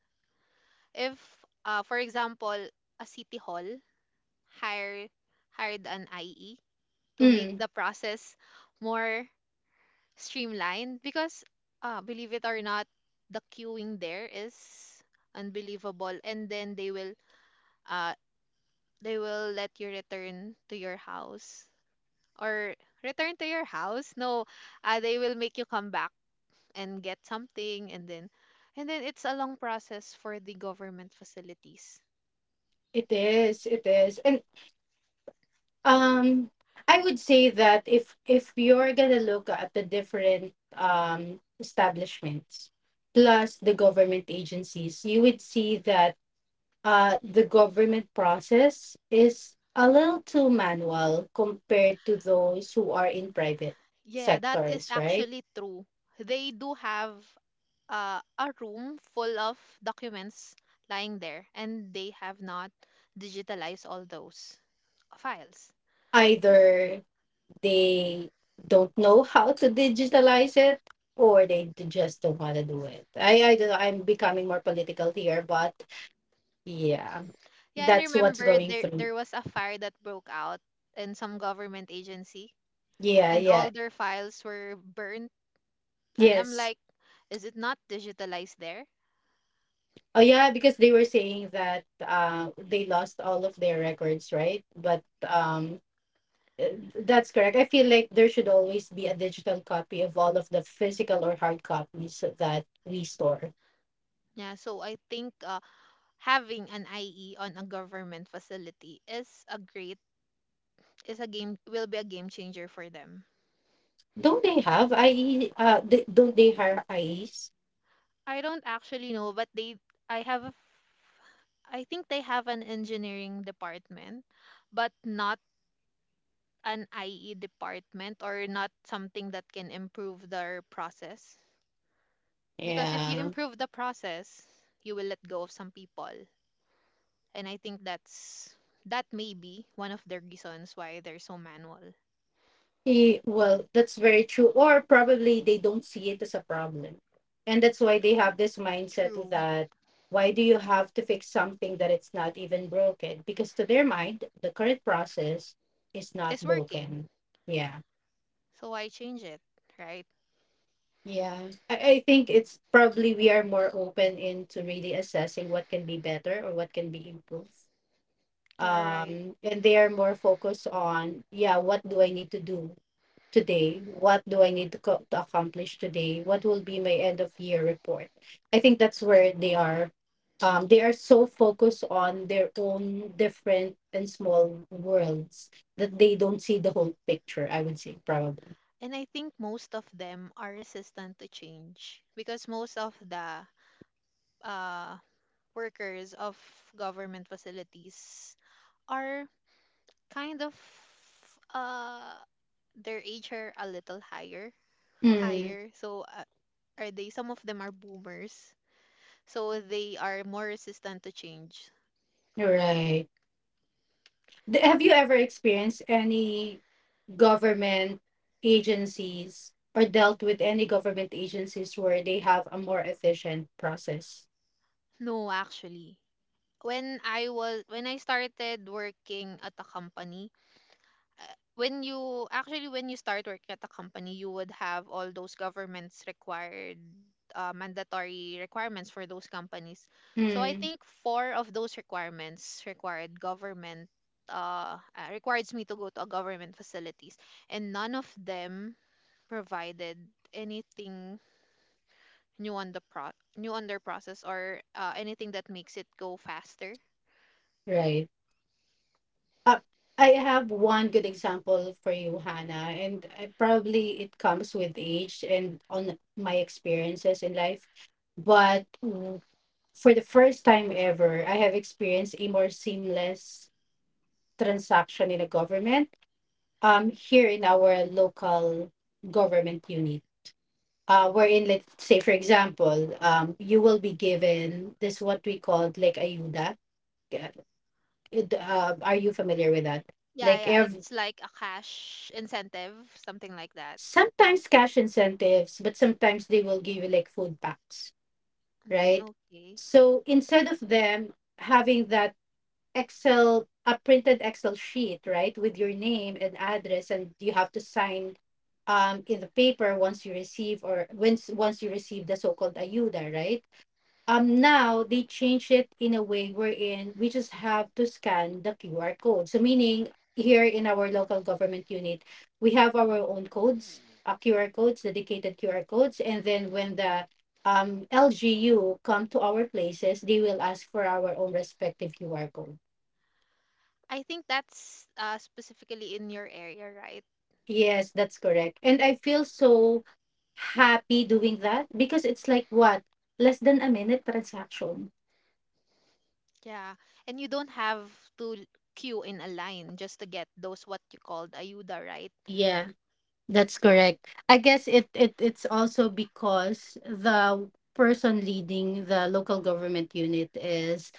Speaker 2: If, uh, for example, a city hall hire hired an I E to make
Speaker 1: Mm.
Speaker 2: the process more streamlined, because uh, believe it or not, the queuing there is unbelievable, and then they will uh, they will let you return to your house or return to your house. No, uh, they will make you come back and get something, and then, and then it's a long process for the government facilities.
Speaker 1: It is, it is. And um I would say that, if if you're gonna look at the different um establishments plus the government agencies, you would see that uh the government process is a little too manual compared to those who are in private
Speaker 2: Yeah, that is
Speaker 1: sectors, right?
Speaker 2: actually true. They do have uh, a room full of documents lying there, and they have not digitalized all those files.
Speaker 1: Either they don't know how to digitalize it, or they d- just don't want to do it. I i don't know, I'm becoming more political here, but yeah,
Speaker 2: Yeah, and
Speaker 1: that's what's
Speaker 2: remember,
Speaker 1: going
Speaker 2: there
Speaker 1: through.
Speaker 2: there was a fire that broke out in some government agency,
Speaker 1: Yeah,
Speaker 2: and
Speaker 1: yeah.
Speaker 2: all their files were burnt, and I'm
Speaker 1: Yes.
Speaker 2: like, is it not digitalized there?
Speaker 1: Oh, yeah, because they were saying that uh they lost all of their records, right? But um eh, that's correct. I feel like there should always be a digital copy of all of the physical or hard copies that we store.
Speaker 2: Yeah, so I think uh, having an I E on a government facility is a great is a game will be a game changer for them.
Speaker 1: Don't they have ie uh, th- Don't they have I Es?
Speaker 2: I don't actually know, but they I have a f- I think they have an engineering department, but not an I E department, or not something that can improve their process. Because if you
Speaker 1: Yeah.
Speaker 2: improve the process, you will let go of some people. And I think that's that may be one of the reasons why they're so manual.
Speaker 1: Eh, well, that's very true. Or probably they don't see it as a problem. And that's why they have this mindset
Speaker 2: True.
Speaker 1: that, why do you have to fix something that it's not even broken? Because to their mind, the current process is not
Speaker 2: It's working.
Speaker 1: broken. Yeah.
Speaker 2: So why change it, right?
Speaker 1: Yeah. I, I think it's probably we are more open into really assessing what can be better or what can be improved.
Speaker 2: Yeah, right.
Speaker 1: Um, and they are more focused on, yeah, what do I need to do today? What do I need to, co- to accomplish today? What will be my end of year report? I think that's where they are. Um, they are so focused on their own different and small worlds that they don't see the whole picture, I would say, probably.
Speaker 2: And I think most of them are resistant to change because most of the uh, workers of government facilities are kind of uh, their age are a little higher,
Speaker 1: Mm,
Speaker 2: higher. So uh, are they? Some of them are boomers, so they are more resistant to change.
Speaker 1: right. Th- Have you ever experienced any government agencies, or dealt with any government agencies where they have a more efficient process?
Speaker 2: No, actually. When I was when I started working at a company, uh, when you actually when you start working at a company, you would have all those governments required uh, mandatory requirements for those companies. So I
Speaker 1: Mm,
Speaker 2: think four of those requirements required government uh, uh requires me to go to a government facilities and none of them provided anything new on the pro new on their process or uh, anything that makes it go faster.
Speaker 1: right. Uh, I have one good example for you, Hannah, and I, probably it comes with age and on my experiences in life. But mm, for the first time ever, I have experienced a more seamless transaction in a government, um, here in our local government unit. Uh, wherein, let's say, for example, um, you will be given this what we called like ayuda. Yeah, it- Uh, are you familiar with that?
Speaker 2: Yeah,
Speaker 1: Like
Speaker 2: yeah. It's like a cash incentive, something like that.
Speaker 1: sometimes cash incentives, but sometimes they will give you like food packs,
Speaker 2: Mm,
Speaker 1: right?
Speaker 2: okay.
Speaker 1: So instead of them having that Excel, a printed Excel sheet, right, with your name and address, and you have to sign um in the paper once you receive, or once once you receive the so-called ayuda, right? Um now they change it in a way wherein we just have to scan the Q R code. So meaning here in our local government unit, we have our own codes, uh, Q R codes, dedicated Q R codes, and then when the um L G U come to our places, they will ask for our own respective Q R code.
Speaker 2: I think that's uh, specifically in your area, right?
Speaker 1: Yes, that's correct. And I feel so happy doing that, because it's like what, less than a minute transaction.
Speaker 2: Yeah. And you don't have to l- queue in a line just to get those what you called ayuda, right?
Speaker 1: That's correct. I guess it, it it's also because the person leading the local government unit is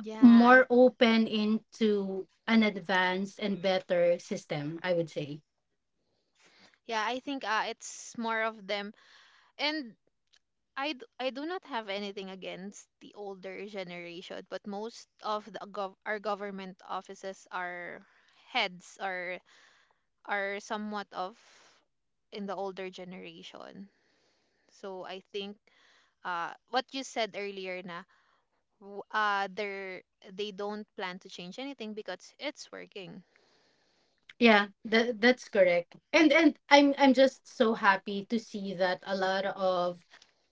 Speaker 2: Yeah, I,
Speaker 1: more open into an advanced and better system, I would say.
Speaker 2: yeah, I think uh, it's more of them. And I, d- I do not have anything against the older generation, but most of the gov- our government offices are heads or are somewhat of in the older generation. So I think uh, what you said earlier na w- uh, they're, they don't plan to change anything because it's working,
Speaker 1: Yeah, that that's correct. And and I'm I'm just so happy to see that a lot of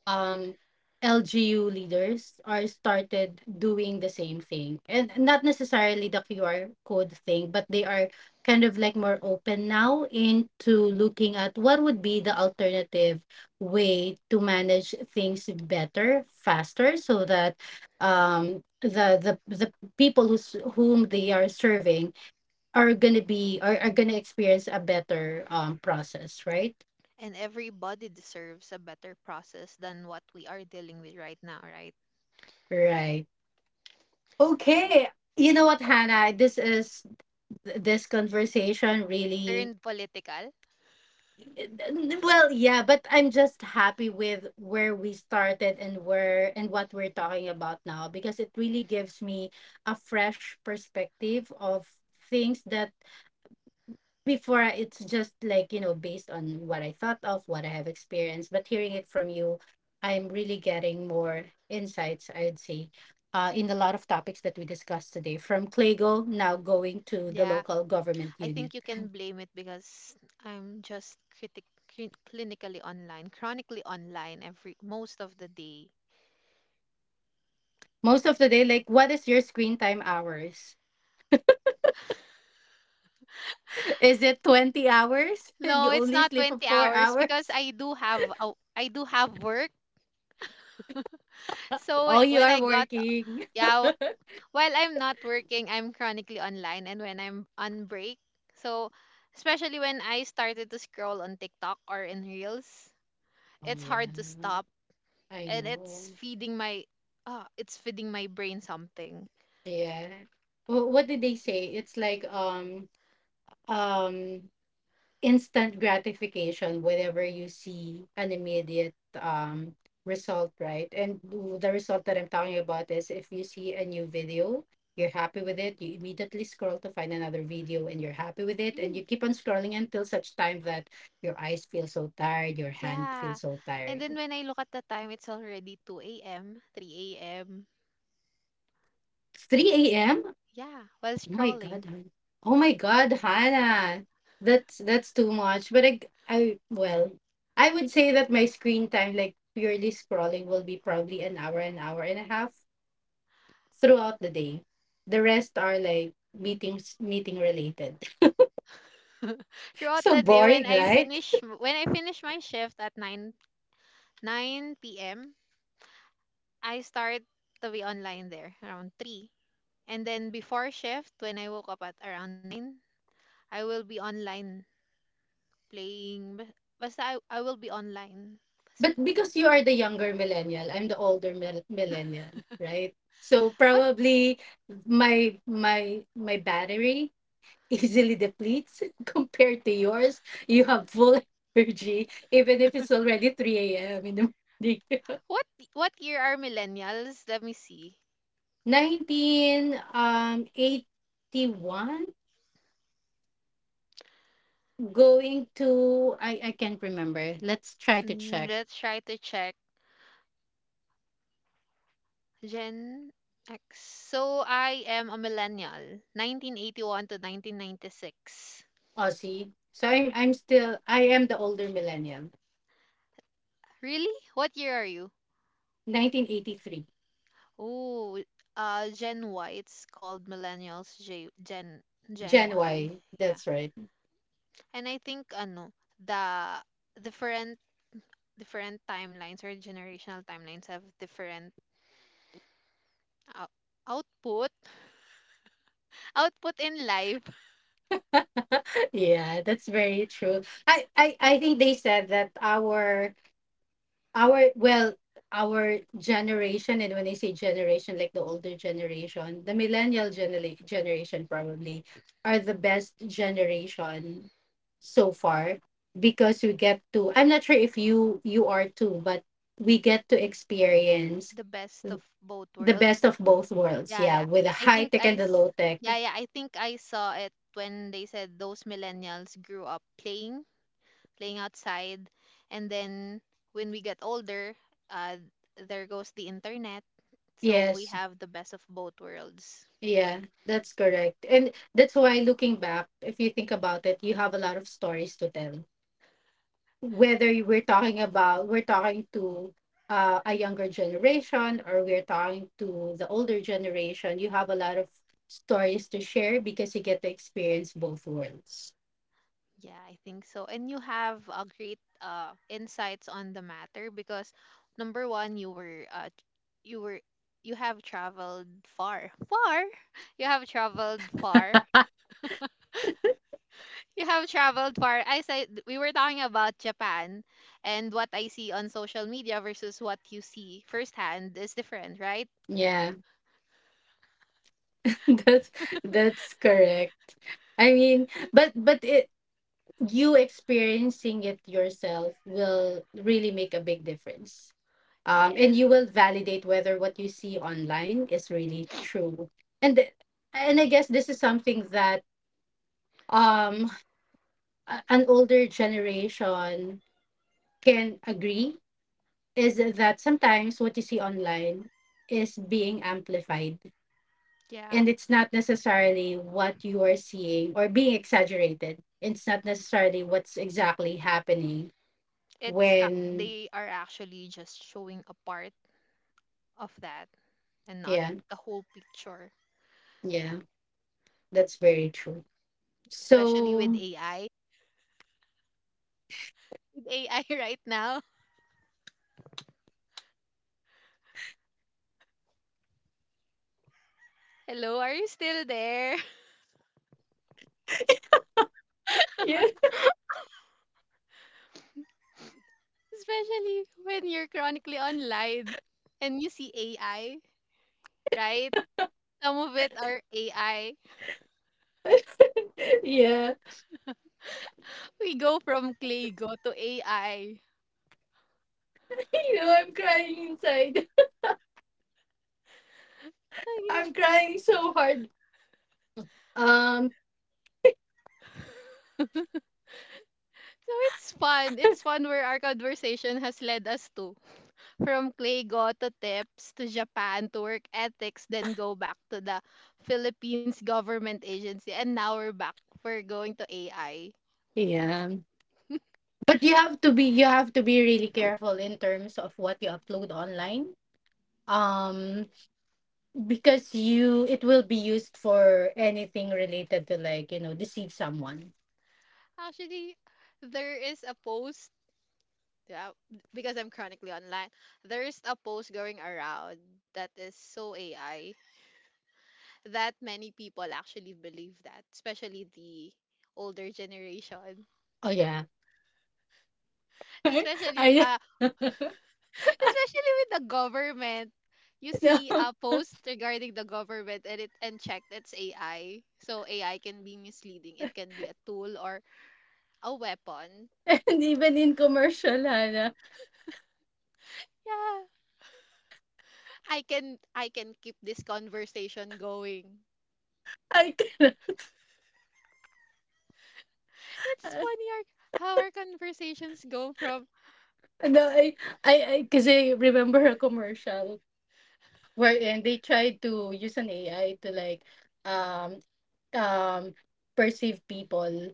Speaker 1: um L G U leaders are started doing the same thing, and not necessarily the Q R code thing, but they are kind of like more open now into looking at what would be the alternative way to manage things better, faster, so that um the the, the people who's, whom they are serving, are going to be are, are going to experience a better um process, right?
Speaker 2: and everybody deserves a better process than what we are dealing with right now, right?
Speaker 1: Right. Okay. You know what, Hannah? This is this conversation really,
Speaker 2: Turned political.
Speaker 1: well, yeah, but I'm just happy with where we started and where and what we're talking about now, because it really gives me a fresh perspective of things that before, I- it's just like, you know, based on what I thought of, what I have experienced, but hearing it from you, I'm really getting more insights, I'd say, uh, in a lot of topics that we discussed today, from Clego now going to the
Speaker 2: Yeah,
Speaker 1: local government
Speaker 2: I
Speaker 1: unit.
Speaker 2: think you can blame it because I'm just critic cli- clinically online, chronically online every most of the day.
Speaker 1: Most of the day, like, what is your screen time hours? Is it 20 hours and you
Speaker 2: No, it's
Speaker 1: only
Speaker 2: not
Speaker 1: sleep for
Speaker 2: twenty
Speaker 1: four
Speaker 2: hours because
Speaker 1: hours?
Speaker 2: I do have a, I do have work. So
Speaker 1: Oh,
Speaker 2: wh-
Speaker 1: you
Speaker 2: when
Speaker 1: are
Speaker 2: I got,
Speaker 1: working.
Speaker 2: yeah, w- while I'm not working, I'm chronically online and when I'm on break. So especially when I started to scroll on TikTok or in Reels,
Speaker 1: Oh,
Speaker 2: it's
Speaker 1: yeah,
Speaker 2: hard to stop,
Speaker 1: I
Speaker 2: and it's
Speaker 1: know.
Speaker 2: feeding my uh, it's feeding my brain something.
Speaker 1: Yeah. Wh- What did they say? It's like, um, um instant gratification whenever you see an immediate um result, right? And w- the result that I'm talking about is, if you see a new video, you're happy with it, you immediately scroll to find another video, and you're happy with it, and you
Speaker 2: Really?
Speaker 1: keep on scrolling until such time that your eyes feel so tired, your hand
Speaker 2: Yeah.
Speaker 1: feels so
Speaker 2: And
Speaker 1: tired,
Speaker 2: then when I look at the time, it's already two a m, three a m.
Speaker 1: it's three a.m.
Speaker 2: Yeah, while
Speaker 1: Oh my God,
Speaker 2: scrolling.
Speaker 1: Han. Oh my God, Hannah. That's that's too much. But I, I well, I would say that my screen time, like purely scrolling, will be probably an hour, an hour and a half throughout the day. The rest are like meetings, meeting related.
Speaker 2: Throughout
Speaker 1: So
Speaker 2: the day when
Speaker 1: boring,
Speaker 2: I
Speaker 1: right?
Speaker 2: finish when I finish my shift at nine, nine p m, I start to be online there around three. And then before shift when I woke up at around nine, I will be online playing bas- basta I, I will be online. Basta.
Speaker 1: But because you are the younger millennial, I'm the older mil millennial, right? So
Speaker 2: What
Speaker 1: probably my my my battery easily depletes compared to yours. You have full energy, even if it's already three a m in the morning.
Speaker 2: what what year are millennials? Let me see.
Speaker 1: Nineteen um eighty one, going to, I, I can't remember. Let's try to
Speaker 2: Mm,
Speaker 1: check.
Speaker 2: let's try to check. Gen X. So I am a millennial, nineteen eighty-one to nineteen ninety-six.
Speaker 1: Aussie. So I'm I'm still I am the older millennial.
Speaker 2: Really? What year are you?
Speaker 1: nineteen eighty-three.
Speaker 2: Oh, uh, Gen Y. It's called millennials. J- Gen Gen
Speaker 1: Gen Y.
Speaker 2: Y. Yeah,
Speaker 1: That's right.
Speaker 2: and I think ano the different different timelines or generational timelines have different ou- output output in life.
Speaker 1: Yeah, that's very true. I, I I think they said that our our well our generation, and when I say generation, like the older generation, the millennial genera- generation probably are the best generation so far, because we get to, I'm not sure if you you are too, but we get to experience
Speaker 2: The best of both
Speaker 1: the best
Speaker 2: worlds.
Speaker 1: of both worlds,
Speaker 2: Yeah,
Speaker 1: yeah,
Speaker 2: yeah.
Speaker 1: with the
Speaker 2: I
Speaker 1: high
Speaker 2: think
Speaker 1: tech
Speaker 2: I
Speaker 1: and the
Speaker 2: s-
Speaker 1: low tech.
Speaker 2: yeah, yeah, I think I saw it when they said those millennials grew up playing playing outside. And then when we get older, uh, there goes the internet. So we
Speaker 1: Yes,
Speaker 2: have the best of both worlds.
Speaker 1: yeah, that's correct. And that's why, looking back, if you think about it, you have a lot of stories to tell, whether you we're talking about we're talking to uh, a younger generation or we're talking to the older generation, you have a lot of stories to share because you get to experience both worlds.
Speaker 2: Yeah, I think so. And you have a great uh, insights on the matter because number one, you were uh, t- you were you have traveled far, far. You have traveled far. You have traveled far. I said we were talking about Japan, and what I see on social media versus what you see firsthand is different, right?
Speaker 1: Yeah, that's that's correct. I mean but but it you experiencing it yourself will really make a big difference. Um,
Speaker 2: Yes.
Speaker 1: and you will validate whether what you see online is really true. And th- and I guess this is something that um a- an older generation can agree, is that sometimes what you see online is being amplified
Speaker 2: Yeah,
Speaker 1: and it's not necessarily what you are seeing, or being exaggerated. It's not necessarily what's exactly happening
Speaker 2: it's uh,
Speaker 1: when
Speaker 2: they are actually just showing a part of that and not
Speaker 1: yeah,
Speaker 2: the whole picture,
Speaker 1: yeah, that's very true.
Speaker 2: especially with
Speaker 1: So,
Speaker 2: A I. With A I right now, hello, are you still there?
Speaker 1: yeah,
Speaker 2: Especially when you're chronically online and you see A I, right? Some of it are A I.
Speaker 1: yeah,
Speaker 2: We go from Claygo to A I.
Speaker 1: you know, I'm crying inside.
Speaker 2: Ay, na.
Speaker 1: I'm crying so hard. Um,
Speaker 2: So it's fun. It's fun where our conversation has led us to. From Claygo to tips to Japan to work ethics, then go back to the Philippines government agency. And now we're back. We're going to A I.
Speaker 1: yeah, but you have to be you have to be really careful in terms of what you upload online. Um, because you, it will be used for anything related to, like, you know, deceive someone.
Speaker 2: Actually, there is a post, yeah, because I'm chronically online, there is a post going around that is so A I that many people actually believe that, especially the older generation.
Speaker 1: Oh yeah.
Speaker 2: Especially,
Speaker 1: I
Speaker 2: uh,
Speaker 1: no,
Speaker 2: especially with the government. You see a post regarding the government, and it and checked, it's A I. So A I can be misleading. It can be a tool or a weapon.
Speaker 1: and even in commercial, Hannah,
Speaker 2: Yeah. I can I can keep this conversation going.
Speaker 1: I cannot.
Speaker 2: It's funny our, how our conversations go from.
Speaker 1: No, I, I, I, cause I remember a commercial wherein they tried to use an A I to, like, um, um, perceive people,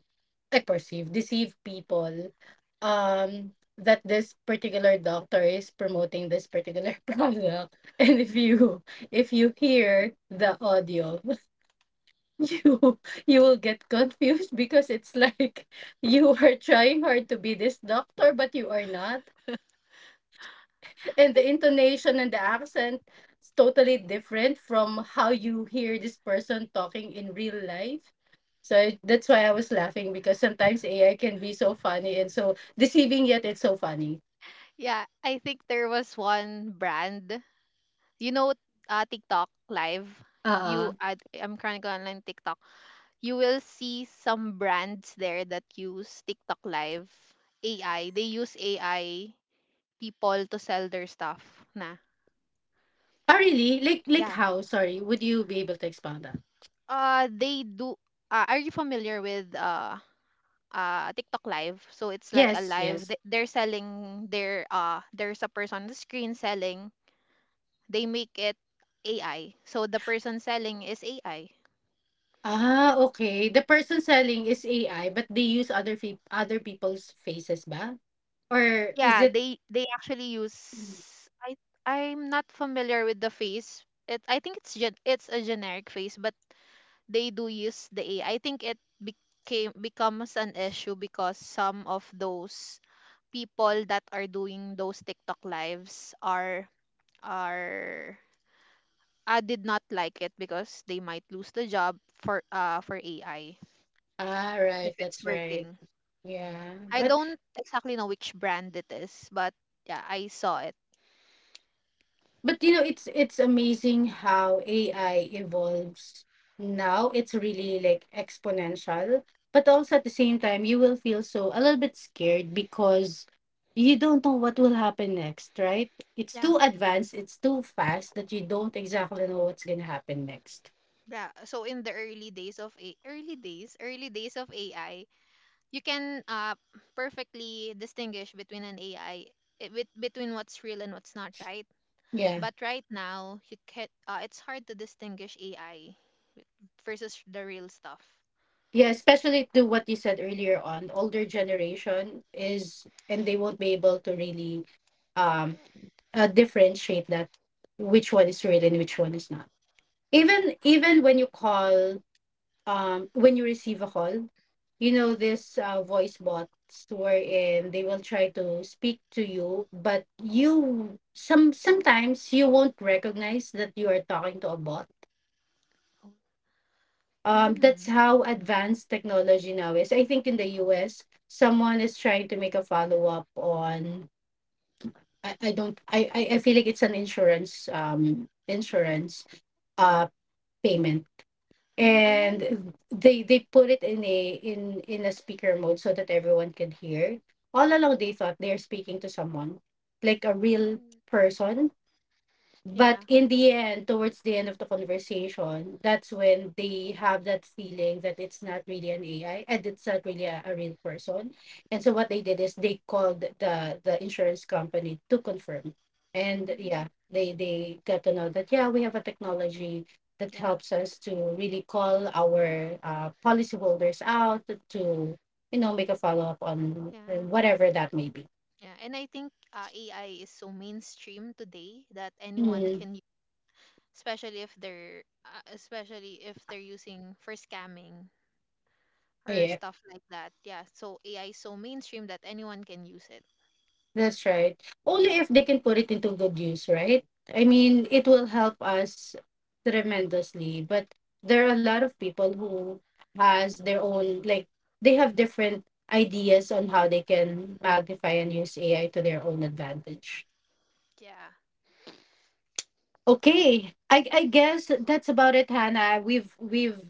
Speaker 1: I perceive, deceive people, um, that this particular doctor is promoting this particular product. And if you, if you hear the audio, you, you will get confused because it's like you are trying hard to be this doctor, but you are not. And
Speaker 2: I,
Speaker 1: the intonation and the accent is totally different from how you hear this person talking in real life. So I- that's why I was laughing, because sometimes A I can be so funny and so deceiving, yet it's so funny.
Speaker 2: yeah, I think there was one brand. You know uh, TikTok live. You
Speaker 1: Uh,
Speaker 2: I I'm Chronicle Online TikTok. You will see some brands there that use TikTok Live A I. They use A I people to sell their stuff na.
Speaker 1: ah, really? Like, like
Speaker 2: Yeah.
Speaker 1: how? Sorry, would you be able to expound that?
Speaker 2: Uh they do, uh, are you familiar with uh uh TikTok Live? So it's like a
Speaker 1: Yes,
Speaker 2: live
Speaker 1: yes.
Speaker 2: th- they're selling their, uh there's a person on the screen selling. They make it A I. So the person selling is A I.
Speaker 1: Ah, okay. The person selling is A I, but they use other fe- other people's faces, ba? Or is
Speaker 2: Yeah,
Speaker 1: it?
Speaker 2: they they actually use. I I'm not familiar with the face. It I think it's gen, it's a generic face, but they do use the A I. I I think it became becomes an issue because some of those people that are doing those TikTok lives are are. I did not like it because they might lose the job for uh for A I
Speaker 1: Ah, right.
Speaker 2: if it's
Speaker 1: That's right.
Speaker 2: working.
Speaker 1: Yeah,
Speaker 2: I
Speaker 1: but
Speaker 2: don't exactly know which brand it is, but yeah, I saw it.
Speaker 1: But you know, it's it's amazing how A I evolves now. It's really like exponential. But also at the same time, you will feel so a little bit scared because you don't know what will happen next, right? It's
Speaker 2: Yeah.
Speaker 1: too advanced, it's too fast that you don't exactly know what's gonna happen next.
Speaker 2: Yeah, so in the early days of a early days, early days of A I, you can uh perfectly distinguish between an A I, eh, bet- between what's real and what's not, right?
Speaker 1: Yeah.
Speaker 2: But right now, you can uh, it's hard to distinguish A I versus the real stuff.
Speaker 1: Yeah, especially to what you said earlier on, older generation is, and they won't be able to really um uh, differentiate that, which one is real and which one is not.
Speaker 2: Yeah.
Speaker 1: even even when you call, um when you receive a call, you know, this uh, voice bots, wherein they will try to speak to you, but you, some sometimes you won't recognize that you are talking to a bot.
Speaker 2: Oh.
Speaker 1: Um, that's
Speaker 2: Hmm.
Speaker 1: how advanced technology now is. I think in the U S, someone is trying to make a follow-up on, I, I don't I, I I feel like it's an insurance um insurance uh payment,
Speaker 2: Hmm. And I.
Speaker 1: and they they put it in a in in a speaker mode so that everyone could hear. All along they thought they're speaking to someone, like a real
Speaker 2: Hmm.
Speaker 1: person. But
Speaker 2: Yeah.
Speaker 1: in the end, towards the end of the conversation, that's when they have that feeling that it's not really an A I, and it's not really a, a real person. And so what they did is they called the the insurance company to confirm, and yeah,
Speaker 2: Hmm.
Speaker 1: they they got to know that, yeah, we have a technology that
Speaker 2: Yeah.
Speaker 1: helps us to really call our uh, policyholders out to, you know, make a follow-up on uh,
Speaker 2: Yeah.
Speaker 1: whatever that may be.
Speaker 2: Yeah. And I think uh, A I is so mainstream today that anyone
Speaker 1: Mm,
Speaker 2: can, especially if they're uh, especially if they're using for scamming or
Speaker 1: yeah.
Speaker 2: stuff like that, yeah, so AI is so mainstream that anyone can use it.
Speaker 1: That's right. Only if they can put it into good use, right? I mean, it will help us tremendously, but there are a lot of people who has their own, like, they have different ideas on how they can magnify and use A I to their own advantage.
Speaker 2: Yeah.
Speaker 1: Okay. I I guess that's about it, Hannah. We've we've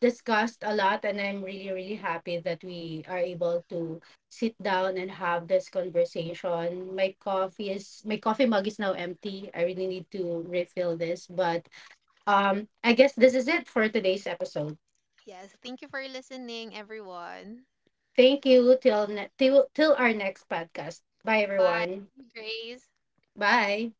Speaker 1: discussed a lot, and I'm really, really happy that we are able to sit down and have this conversation. My coffee is my coffee mug is now empty. I really need to refill this, but um, I guess this is it for today's episode.
Speaker 2: Yes, thank you for listening, everyone.
Speaker 1: Thank you, till ne- till till our next podcast. Bye,
Speaker 2: Bye,
Speaker 1: everyone.
Speaker 2: Grace.
Speaker 1: Bye.